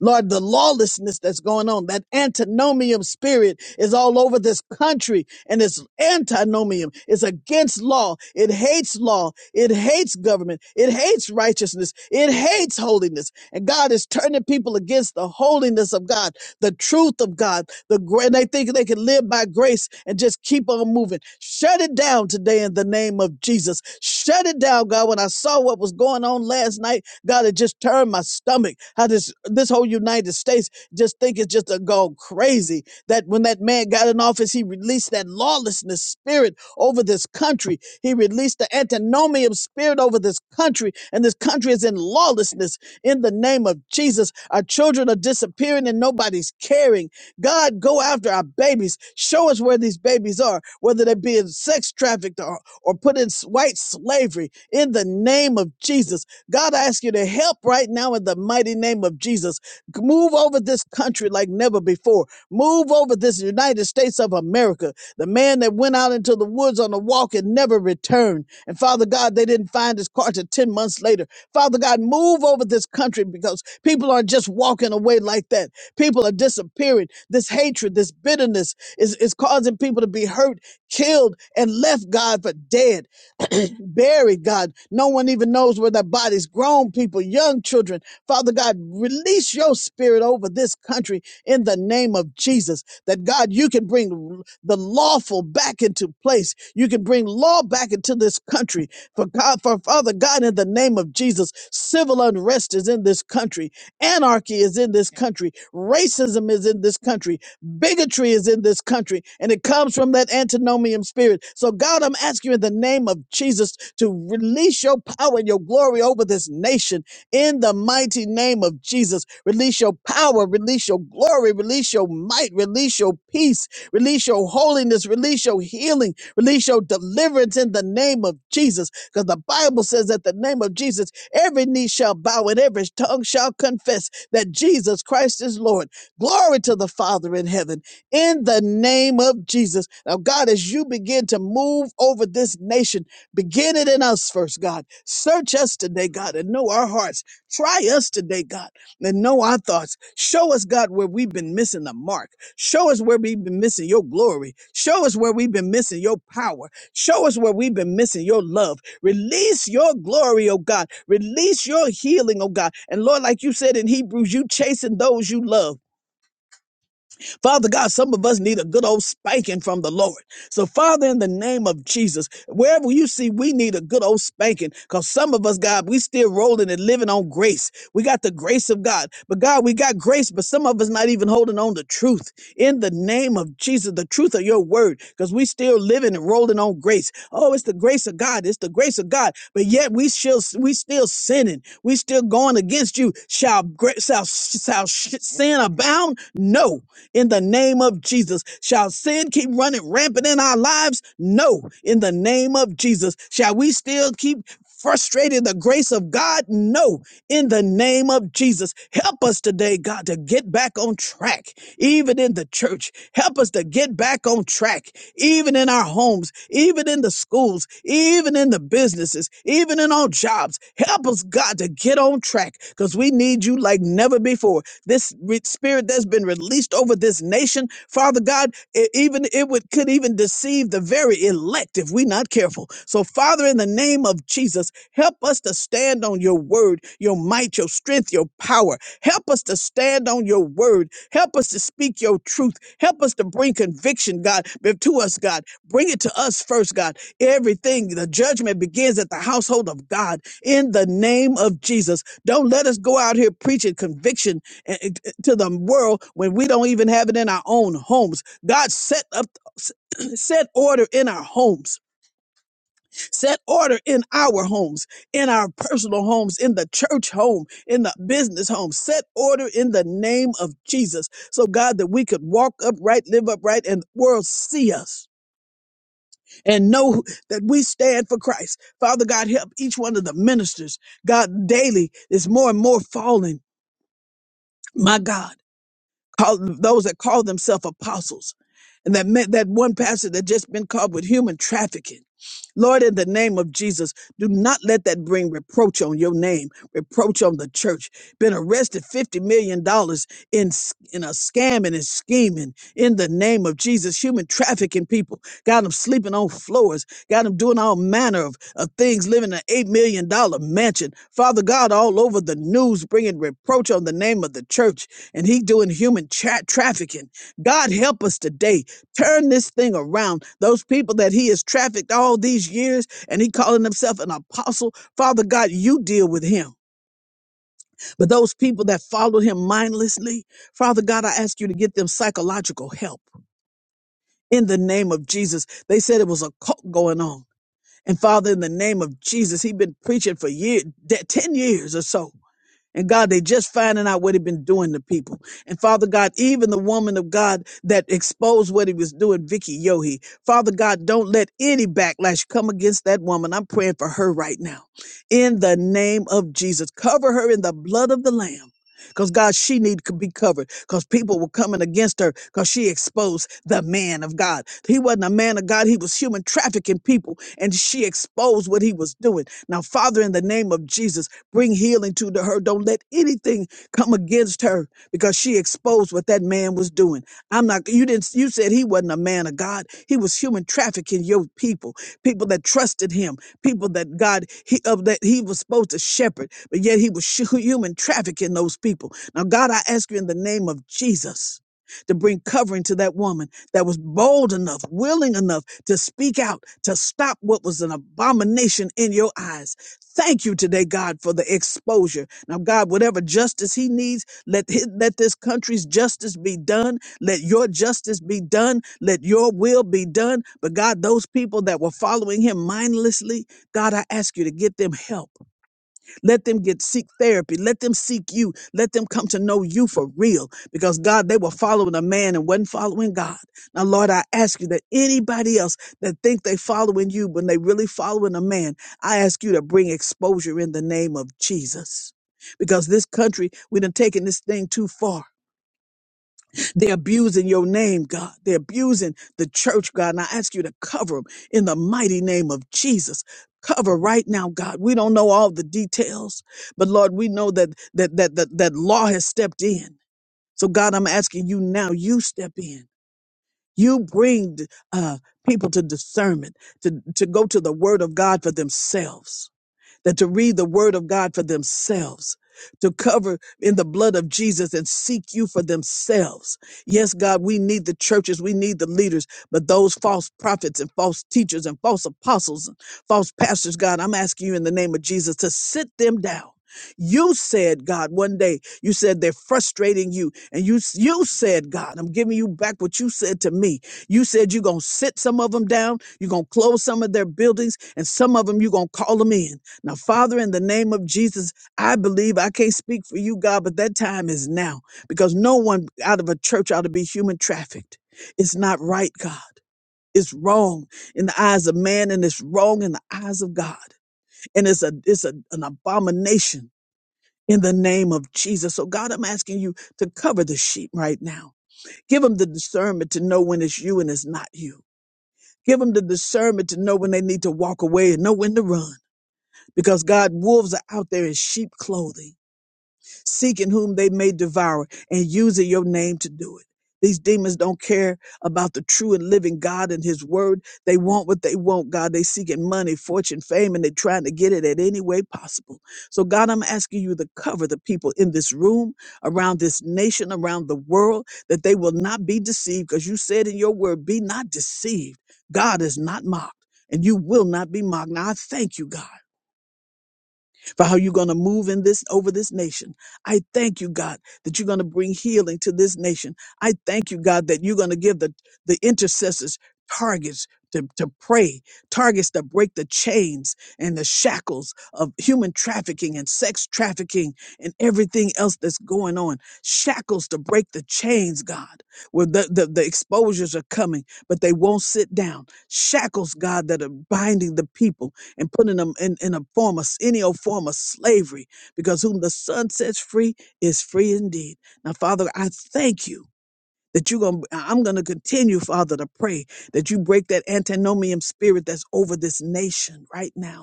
Lord, the lawlessness that's going on, that antinomian spirit is all over this country and it's antinomian It's against law. It hates law. It hates government. It hates righteousness. It hates holiness. And God is turning people against the holiness of God, the truth of God, the great. They think they can live by grace and just keep on moving. Shut it down today in the name of Jesus. Shut it down, God. When I saw what was going on last night, God, it just turned my stomach. How this this whole United States just think it's just a go crazy. That when that man got in office, he released that lawlessness spirit over this country. He released the antinomian spirit over this country, and this country is in lawlessness. In the name of Jesus, our children are disappearing and nobody's caring. God, go after our babies. Show us where these babies are, whether they be in sex trafficked or, or put in s- white slavery. In the name of Jesus, God, I ask you to help right now in the mighty name of Jesus. Move over this country like never before. Move over this United States of America. The man that went out into the woods on a walk and never returned. And Father God, they didn't find his car till 10 months later. Father God, move over this country because people aren't just walking away like that. People are disappearing. This hatred, this bitterness is, is causing people to be hurt, killed, and left, God, for dead. buried, God. No one even knows where their bodies, grown people, young children. Father God, release your spirit over this country in the name of Jesus. That God, you can bring the lawful back into place. You can bring law back into this country. For God, for Father God, in the name of Jesus, civil unrest is in this country. Anarchy is in this country. Racism is in this country. Bigotry is in this country, and it comes from that antinomian spirit. So, God, I'm asking you in the name of Jesus to release your power and your glory over this nation in the mighty name of Jesus. Release your power, release your glory, release your might, release your peace, release your holiness, release your healing, release your deliverance in the name of Jesus. Because the Bible says that the name of Jesus, every knee shall bow and every tongue shall confess that Jesus Christ is Lord. Glory to the Father in heaven in the name of Jesus. Now, God, as you begin to move over this nation, begin it in us first, God. Search us today, God, and know our hearts. Try us today, God, and know our thoughts. Show us, God, where we've been missing the mark. Show us where we've been missing your glory. Show us where we've been missing your power. Show us where we've been missing your love. Release your glory, oh God. Release your healing, oh God. And Lord, like you said in Hebrews, you chasing those you love. Father God, some of us need a good old spanking from the Lord. So, Father, in the name of Jesus, wherever you see we need a good old spanking, because some of us, God, we still rolling and living on grace. We got the grace of God. But God, we got grace, but some of us not even holding on to truth. In the name of Jesus, the truth of your word, because we still living and rolling on grace. Oh, it's the grace of God. It's the grace of God. But yet we still we still sinning. We still going against you. Shall gra- shall shall sin abound? No in the name of Jesus. Shall sin keep running rampant in our lives? No, in the name of Jesus. Shall we still keep frustrating the grace of God? No, in the name of Jesus. Help us today, God, to get back on track, even in the church. Help us to get back on track, even in our homes, even in the schools, even in the businesses, even in our jobs. Help us, God, to get on track because we need you like never before this re- spirit that's been released over this nation, Father God, it even it would could even deceive the very elect if we're not careful. So, Father, in the name of Jesus, help us to stand on your word, your might, your strength, your power. Help us to stand on your word. Help us to speak your truth. Help us to bring conviction, God, to us, God. Bring it to us first, God. Everything, the judgment begins at the household of God in the name of Jesus. Don't let us go out here preaching conviction eh, eh, to the world when we don't even have it in our own homes. God set up set order in our homes, set order in our homes, in our personal homes, in the church home, in the business home, set order in the name of Jesus. So, God, that we could walk upright, live upright, and the world see us and know that we stand for Christ. Father God, help each one of the ministers. God, daily is more and more falling. My God. call those that call themselves apostles and that meant that one pastor that just been caught with human trafficking. Lord, in the name of Jesus, do not let that bring reproach on your name, reproach on the church. Been arrested $50 million dollars in, s- in a scam and in scheming in the name of Jesus, human trafficking people. Got them sleeping on floors, got them doing all manner of, of things, living in an $8 million dollars mansion. Father God, all over the news, bringing reproach on the name of the church, and he doing human tra- trafficking. God, help us today. Turn this thing around. Those people that he has trafficked all these years, and he calling himself an apostle. Father God, you deal with him. But those people that follow him mindlessly, Father God, I ask you to get them psychological help in the name of Jesus. They said it was a cult going on. And Father, in the name of Jesus, he's been preaching for years, 10 years or so. And God, they just finding out what he been doing to people. And Father God, even the woman of God that exposed what he was doing, Vicky Yohe. Father God, don't let any backlash come against that woman. I'm praying for her right now. In the name of Jesus, cover her in the blood of the Lamb. Because God, she need to be covered because people were coming against her because she exposed the man of God. He wasn't a man of God. He was human trafficking people and she exposed what he was doing. Now, Father, in the name of Jesus, Bring healing to the- her. Don't let anything come against her because she exposed what that man was doing. I'm not, you didn't, you said he wasn't a man of God. He was human trafficking your people, people that trusted him, people that God, he, of that he was supposed to shepherd, but yet he was shu- human trafficking those people. Now, God, I ask you in the name of Jesus to bring covering to that woman that was bold enough, willing enough to speak out, to stop what was an abomination in your eyes. Thank you today, God, for the exposure. Now, God, whatever justice he needs, let, his, let this country's justice be done. Let your justice be done. Let your will be done. But God, those people that were following him mindlessly, God, I ask you to get them help. Let them get seek therapy. Let them seek you. Let them come to know you for real. Because God, they were following a man and wasn't following God. Now, Lord, I ask you that anybody else that think they following you when they really following a man, I ask you to bring exposure in the name of Jesus. Because this country, we done taken this thing too far. They're abusing your name, God. They're abusing the church, God. And I ask you to cover them in the mighty name of Jesus. Cover right now, God. We don't know all the details, but Lord, we know that that that that, that law has stepped in. So God, I'm asking you now, you step in. You bring uh, people to discernment, to, to go to the word of God for themselves that to read the word of God for themselves, to cover in the blood of Jesus and seek you for themselves. Yes, God, we need the churches, we need the leaders, but those false prophets and false teachers and false apostles and false pastors, God, I'm asking you in the name of Jesus to sit them down. You said, God, one day you said they're frustrating you. And you you said, God, I'm giving you back what you said to me. You said you're going to sit some of them down. You're going to close some of their buildings and some of them you're going to call them in. Now, Father, in the name of Jesus, I believe I can't speak for you, God, but that time is now because no one out of a church ought to be human trafficked. It's not right, God. It's wrong in the eyes of man and it's wrong in the eyes of God. And it's a it's a, an abomination in the name of Jesus. So God, I'm asking you to cover the sheep right now. Give them the discernment to know when it's you and it's not you. Give them the discernment to know when they need to walk away and know when to run because God, wolves are out there in sheep clothing, seeking whom they may devour and using your name to do it. These demons don't care about the true and living God and his word. They want what they want, God. They seeking money, fortune, fame, and they're trying to get it at any way possible. So God, I'm asking you to cover the people in this room, around this nation, around the world, that they will not be deceived because you said in your word, be not deceived. God is not mocked and you will not be mocked. Now I thank you, God for how you're going to move in this over this nation. I thank you, God, that you're going to bring healing to this nation. I thank you, God, that you're going to give the, the intercessors targets to, to pray, targets to break the chains and the shackles of human trafficking and sex trafficking and everything else that's going on. Shackles to break the chains, God, where the, the, the exposures are coming, but they won't sit down. Shackles, God, that are binding the people and putting them in, in a form of any old form of slavery, because whom the Son sets free is free indeed. Now, Father, I thank you that you're going to I'm gonna continue, Father, to pray that you break that antinomian spirit that's over this nation right now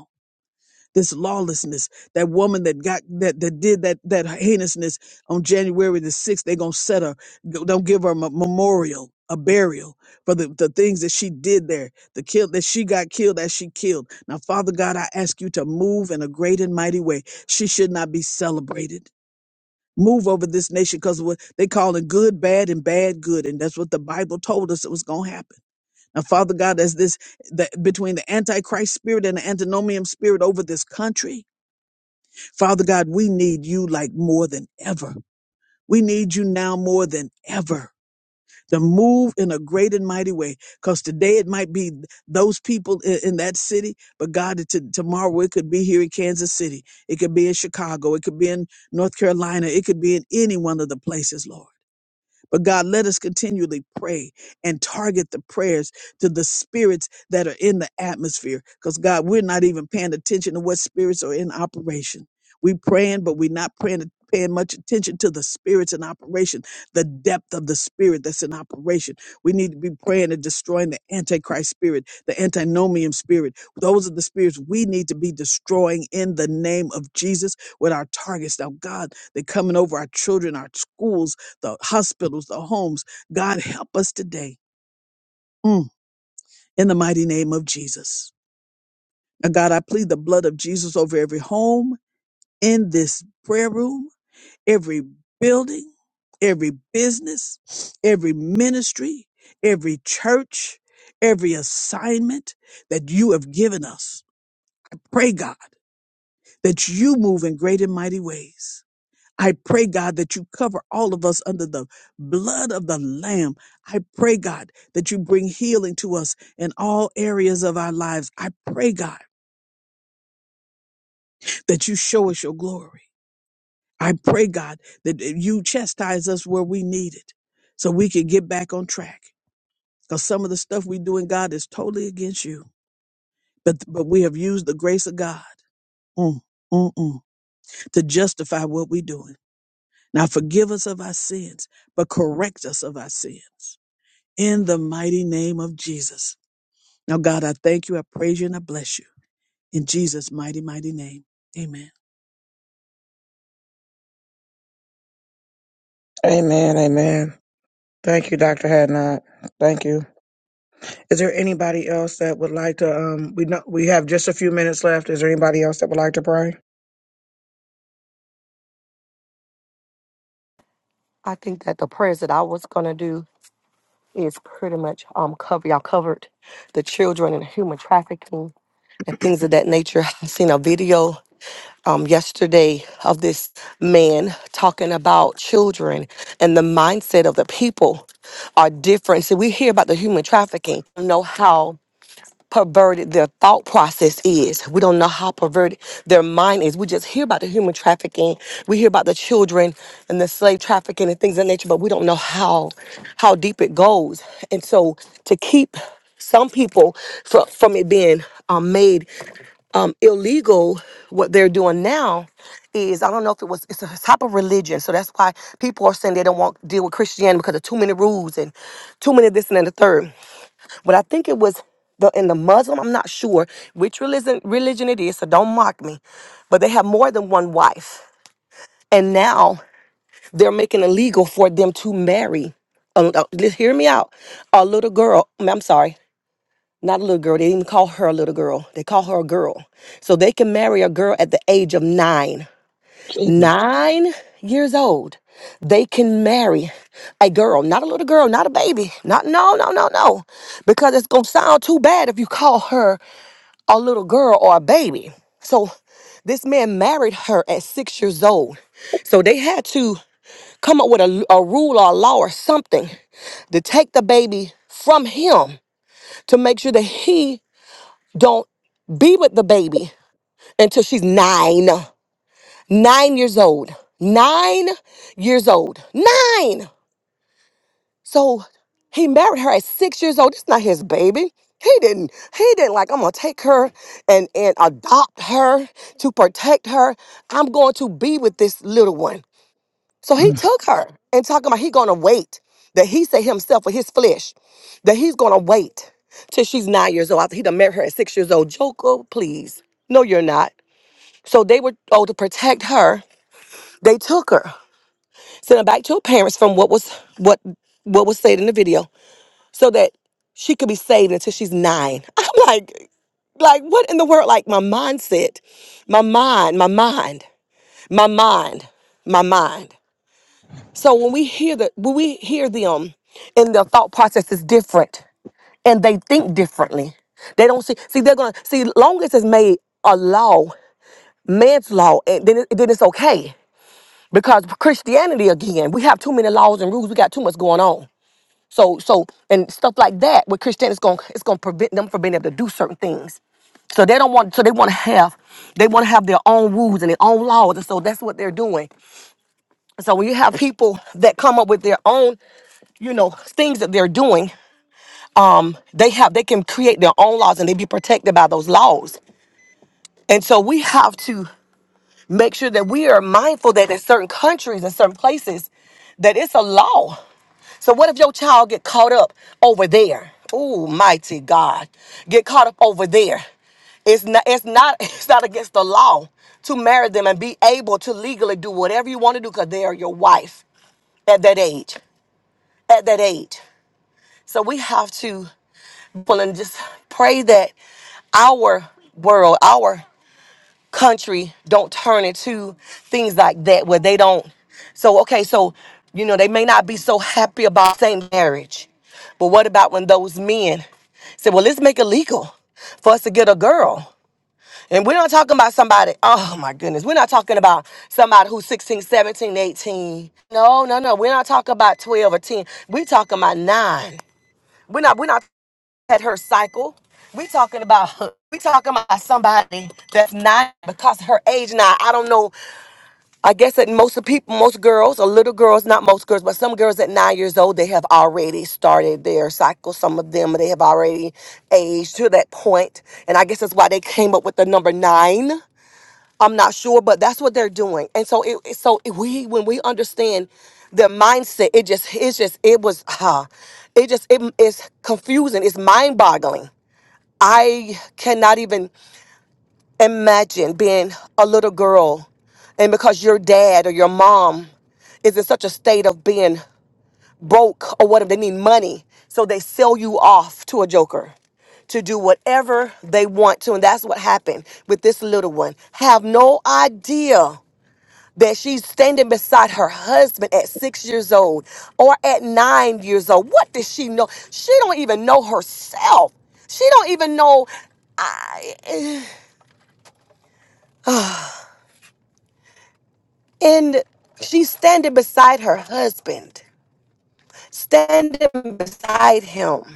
this lawlessness that woman that got that that did that that heinousness on january the 6th they're going to set her don't give her a me- memorial a burial for the, the things that she did there the kill that she got killed as she killed now father god i ask you to move in a great and mighty way she should not be celebrated move over this nation because what they call it good bad and bad good and that's what the bible told us it was going to happen now father god as this the, between the antichrist spirit and the antinomian spirit over this country Father God, we need you like more than ever. We need you now more than ever to move in a great and mighty way. Because today it might be those people i- in that city, but God, it- to- tomorrow it could be here in Kansas City. It could be in Chicago. It could be in North Carolina. It could be in any one of the places, Lord. But God, let us continually pray and target the prayers to the spirits that are in the atmosphere. Because God, we're not even paying attention to what spirits are in operation. We praying, but we're not praying paying much attention to the spirits in operation, the depth of the spirit that's in operation. We need to be praying and destroying the antichrist spirit, the antinomian spirit. Those are the spirits we need to be destroying in the name of Jesus with our targets. Now, God, they're coming over our children, our schools, the hospitals, the homes. God, help us today Mm. in the mighty name of Jesus. Now, God, I plead the blood of Jesus over every home in this prayer room, every building, every business, every ministry, every church, every assignment that you have given us. Pray, God, that you move in great and mighty ways. I pray, God, that you cover all of us under the blood of the Lamb. I pray, God, that you bring healing to us in all areas of our lives. I pray, God, that you show us your glory. I pray, God, that you chastise us where we need it so we can get back on track. Because some of the stuff we do in God is totally against you. But, but we have used the grace of God mm, mm, mm, to justify what we're doing. Now forgive us of our sins, but correct us of our sins. in the mighty name of Jesus. Now, God, I thank you, I praise you, and I bless you. In Jesus' mighty, mighty name. Amen. Amen. Amen. Thank you, Dr. Hadnot. Thank you. Is there anybody else that would like to um we know we have just a few minutes left. Is there anybody else that would like to pray? think that the prayers that I was gonna do is pretty much um cover y'all covered the children and human trafficking and things of that nature. I seen a video um yesterday of this man talking about children and the mindset of the people are different. So we hear about the human trafficking, know how perverted their thought process is. We don't know how perverted their mind is. We just hear about the human trafficking. We hear about the children and the slave trafficking and things of that nature, but we don't know how how deep it goes. And so to keep some people from, from it being um, made um, illegal, what they're doing now is I don't know if it was it's a type of religion. So that's why people are saying they don't want to deal with Christianity because of too many rules and too many this and then the third but I think it was the in the Muslim. I'm not sure which religion religion it is, so don't mock me. But they have more than one wife, and now they're making it legal for them to marry. Uh, uh, just hear me out. A little girl. I mean, I'm sorry. Not a little girl. They didn't even call her a little girl. They call her a girl. So they can marry a girl at the age of nine Jesus. nine years old, they can marry a girl, not a little girl, not a baby, not no, no, no, no, because it's gonna sound too bad if you call her a little girl or a baby. So this man married her at six years old. So they had to come up with a, a rule or a law or something to take the baby from him to make sure that he don't be with the baby until she's nine nine years old. Nine years old. Nine. So he married her at six years old. It's not his baby. He didn't. He didn't like. I'm gonna take her and and adopt her to protect her. I'm going to be with this little one. So he took her and talking about he gonna wait that he said himself with his flesh that he's gonna wait till she's nine years old after he done married her at six years old. Joker, please. No, you're not. So they were told to protect her. They took her. send her back to her parents from what was what what was said in the video so that she could be saved until she's nine i'm like like what in the world like my mindset my mind my mind my mind my mind so when we hear the when we hear them and their thought process is different and they think differently they don't see see they're gonna see long as it's made a law man's law and then, it, then it's okay because christianity again we have too many laws and rules we got too much going on So so and stuff like that with Christianity is going it's going to it's gonna prevent them from being able to do certain things. So they don't want so they want to have they want to have their own rules and their own laws and so that's what they're doing. So when you have people that come up with their own, you know, things that they're doing, um they have they can create their own laws and they be protected by those laws. And so we have to make sure that we are mindful that in certain countries and certain places that it's a law So what if your child get caught up over there? Oh, mighty God. Get caught up over there. It's not it's not it's not against the law to marry them and be able to legally do whatever you want to do because they are your wife at that age. At that age. So we have to well, and just pray that our world, our country don't turn into things like that where they don't so okay so you know they may not be so happy about same marriage but what about when those men say well let's make it legal for us to get a girl and we're not talking about somebody oh my goodness we're not talking about somebody who's 16, 17, 18. no no no we're not talking about 12 or 10 we're talking about 9 we're not we're not had her cycle. We talking about we talking about somebody that's not because her age now. I don't know. I guess that most of people, most girls or little girls, not most girls, but some girls at nine years old, they have already started their cycle. Some of them they have already aged to that point, and I guess that's why they came up with the number nine. I'm not sure, but that's what they're doing. And so it it- so it- we when we understand the mindset, it just it's just it was ah, it just it is confusing. It's mind boggling I cannot even imagine being a little girl and because your dad or your mom is in such a state of being broke or whatever, they need money. So they sell you off to a joker to do whatever they want to. And that's what happened with this little one. Have no idea that she's standing beside her husband at six years old or at nine years old. What does she know? She don't even know herself. She don't even know. I And she's standing beside her husband, standing beside him.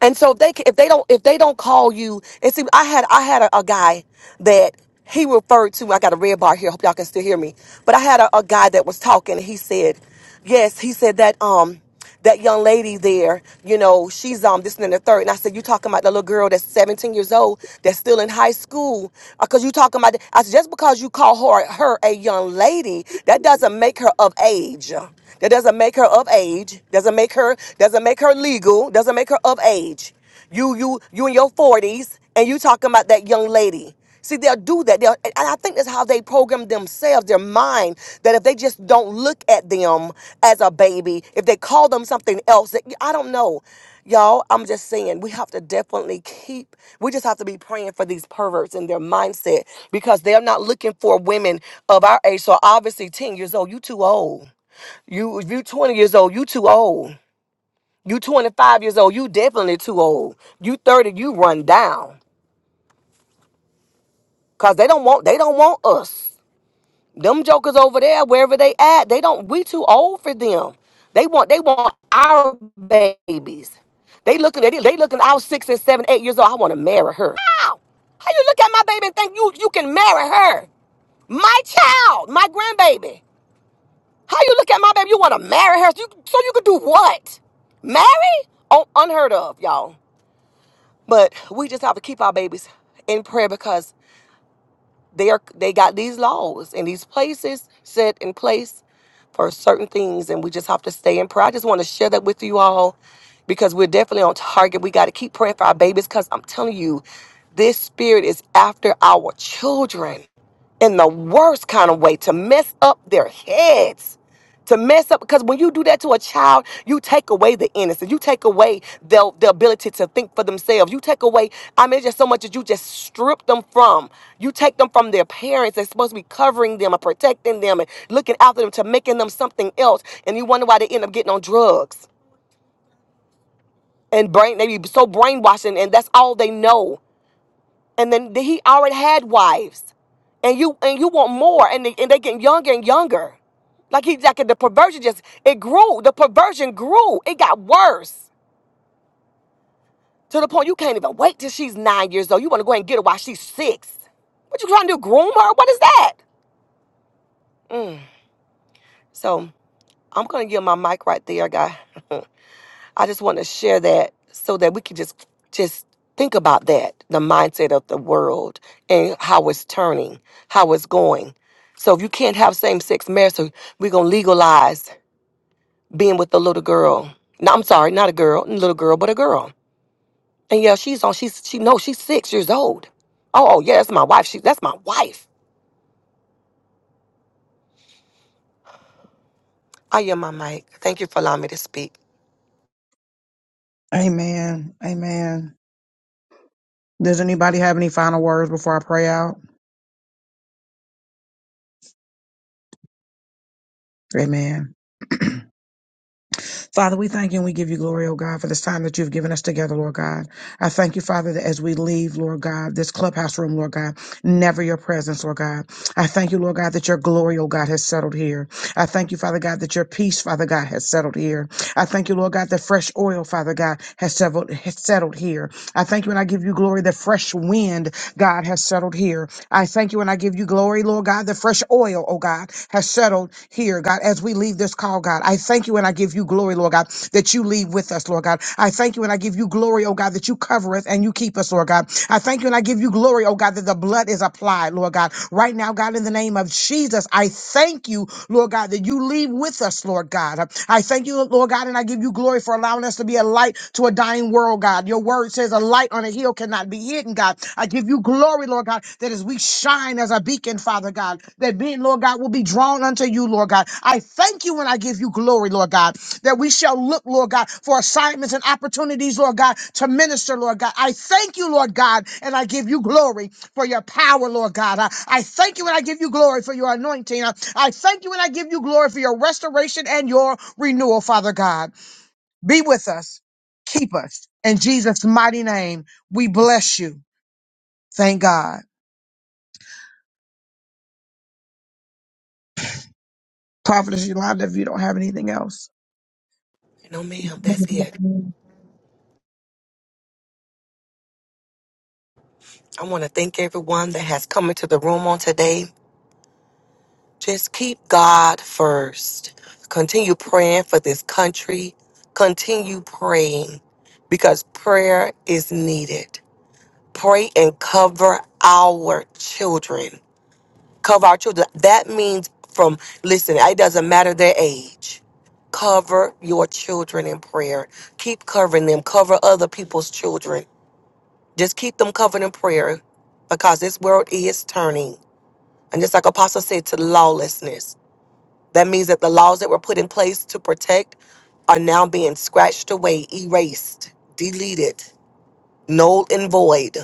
And so if they ca- if they don't if they don't call you and see I had I had a, a guy that he referred to I got a red bar here hope y'all can still hear me but I had a, a guy that was talking and he said yes he said that um that young lady there you know she's um this and then the third and I said you talking about the little girl that's 17 years old that's still in high school because you talking about I said just because you call her her a young lady that doesn't make her of age that doesn't make her of age doesn't make make her doesn't make her legal, doesn't make her of age. You you you in your 40s and you talking about that young lady. See, they'll do that. They'll, and I think that's how they program themselves, their mind, that if they just don't look at them as a baby, if they call them something else, that, I don't know. Y'all, I'm just saying, we have to definitely keep, we just have to be praying for these perverts and their mindset because they're not looking for women of our age. So obviously, 10 years old, you too old. You, you 20 years old, you too old. You 25 years old. You definitely too old. You 30, you run down. Cause they don't want they don't want us. Them jokers over there, wherever they at, they don't we too old for them. They want they want our babies. They looking at it, they looking I was six and seven, eight years old. I want to marry her. How? How you look at my baby and think you you can marry her? My child, my grandbaby. How you look at my baby? You want to marry her? So you, so you could do what? Marry? Oh, unheard of, y'all. But we just have to keep our babies in prayer because they are they got these laws and these places set in place for certain things, and we just have to stay in prayer. I just want to share that with you all because we're definitely on target. We got to keep praying for our babies because I'm telling you, this spirit is after our children in the worst kind of way to mess up their heads to mess up because when you do that to a child you take away the innocence you take away the, the ability to think for themselves you take away i mean it's just so much that you just strip them from you take them from their parents that's supposed to be covering them and protecting them and looking after them to making them something else and you wonder why they end up getting on drugs and brain they be so brainwashing and that's all they know and then he already had wives, and you and you want more, and they, and they getting younger and younger. Like he like the perversion just it grew. The perversion grew. It got worse to the point you can't even wait till she's nine years old. You want to go ahead and get her while she's six. What you trying to do? Groom her? What is that? Mm. So I'm gonna give my mic right there, guy. I just want to share that so that we can just just think about that, the mindset of the world and how it's turning, how it's going. So if you can't have same sex marriage, so we're gonna legalize being with a little girl. No, I'm sorry, not a girl, little girl, but a girl. And yeah, she's on. She's she knows she's six years old. Oh oh, yeah, that's my wife. She that's my wife. I am my mic. Thank you for allowing me to speak. Amen. Amen. Does anybody have any final words before I pray out? Amen. Father, we thank you and we give you glory, oh God, for this time that you've given us together, Lord God. I thank you, Father, that as we leave, Lord God, this clubhouse room, Lord God, never your presence, Lord God. I thank you, Lord God, that your glory, oh God, has settled here. I thank you, Father God, that your peace, Father God, has settled here. I thank you, Lord God, that fresh oil, Father God, has settled, has settled here. I thank you and I give you glory. The fresh wind, God, has settled here. I thank you and I give you glory, Lord God. The fresh oil, oh God, has settled here, God, as we leave this call, God. I thank you and I give you glory, Lord God, that you leave with us, Lord God. I thank you and I give you glory, oh God, that you cover us and you keep us, Lord God. I thank you and I give you glory, oh God, that the blood is applied, Lord God. Right now, God, in the name of Jesus, I thank you, Lord God, that you leave with with us, Lord God. I thank you, Lord God, and I give you glory for allowing us to be a light to a dying world, God. Your word says a light on a hill cannot be hidden, God. I give you glory, Lord God, that as we shine as a beacon, Father God, that men, Lord God, will be drawn unto you, Lord God. I thank you and I give you glory, Lord God, that we shall look, Lord God, for assignments and opportunities, Lord God, to minister, Lord God. I thank you, Lord God, and I give you glory for your power, Lord God. I I thank you and I give you glory for your anointing. Uh, I thank you and I give you glory for your restoration and your renewal, Father God. Be with us. Keep us. In Jesus' mighty name, we bless you. Thank God. Prophetess Yolanda, if you don't No, ma'am, that's it. have. I want to thank everyone that has come into the room on today. Just keep God first. Continue praying for this country. Continue praying because prayer is needed. Pray and cover our children. Cover our children. That means from, listen, it doesn't matter their age. Cover your children in prayer. Keep covering them. Cover other people's children. Just keep them covered in prayer because this world is turning. And just like Apostle said, to lawlessness that means that the laws that were put in place to protect are now being scratched away, erased, deleted, null and void.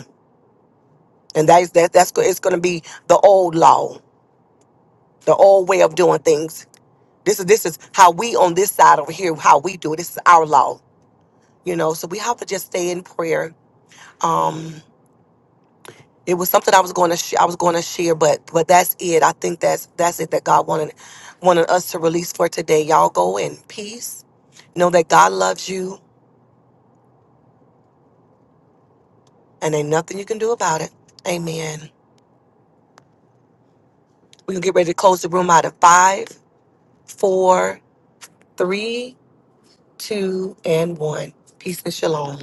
And that is that that's go- it's going to be the old law, the old way of doing things. This is this is how we on this side over here how we do it. This is our law, you know. So we have to just stay in prayer. Um it was something I was going to sh- I was going to share, but but that's it. I think that's that's it that God wanted wanted us to release for today. Y'all go in peace. Know that God loves you and ain't nothing you can do about it. Amen. We're gonna get ready to close the room out of five, four, three, two, and one. Peace and shalom.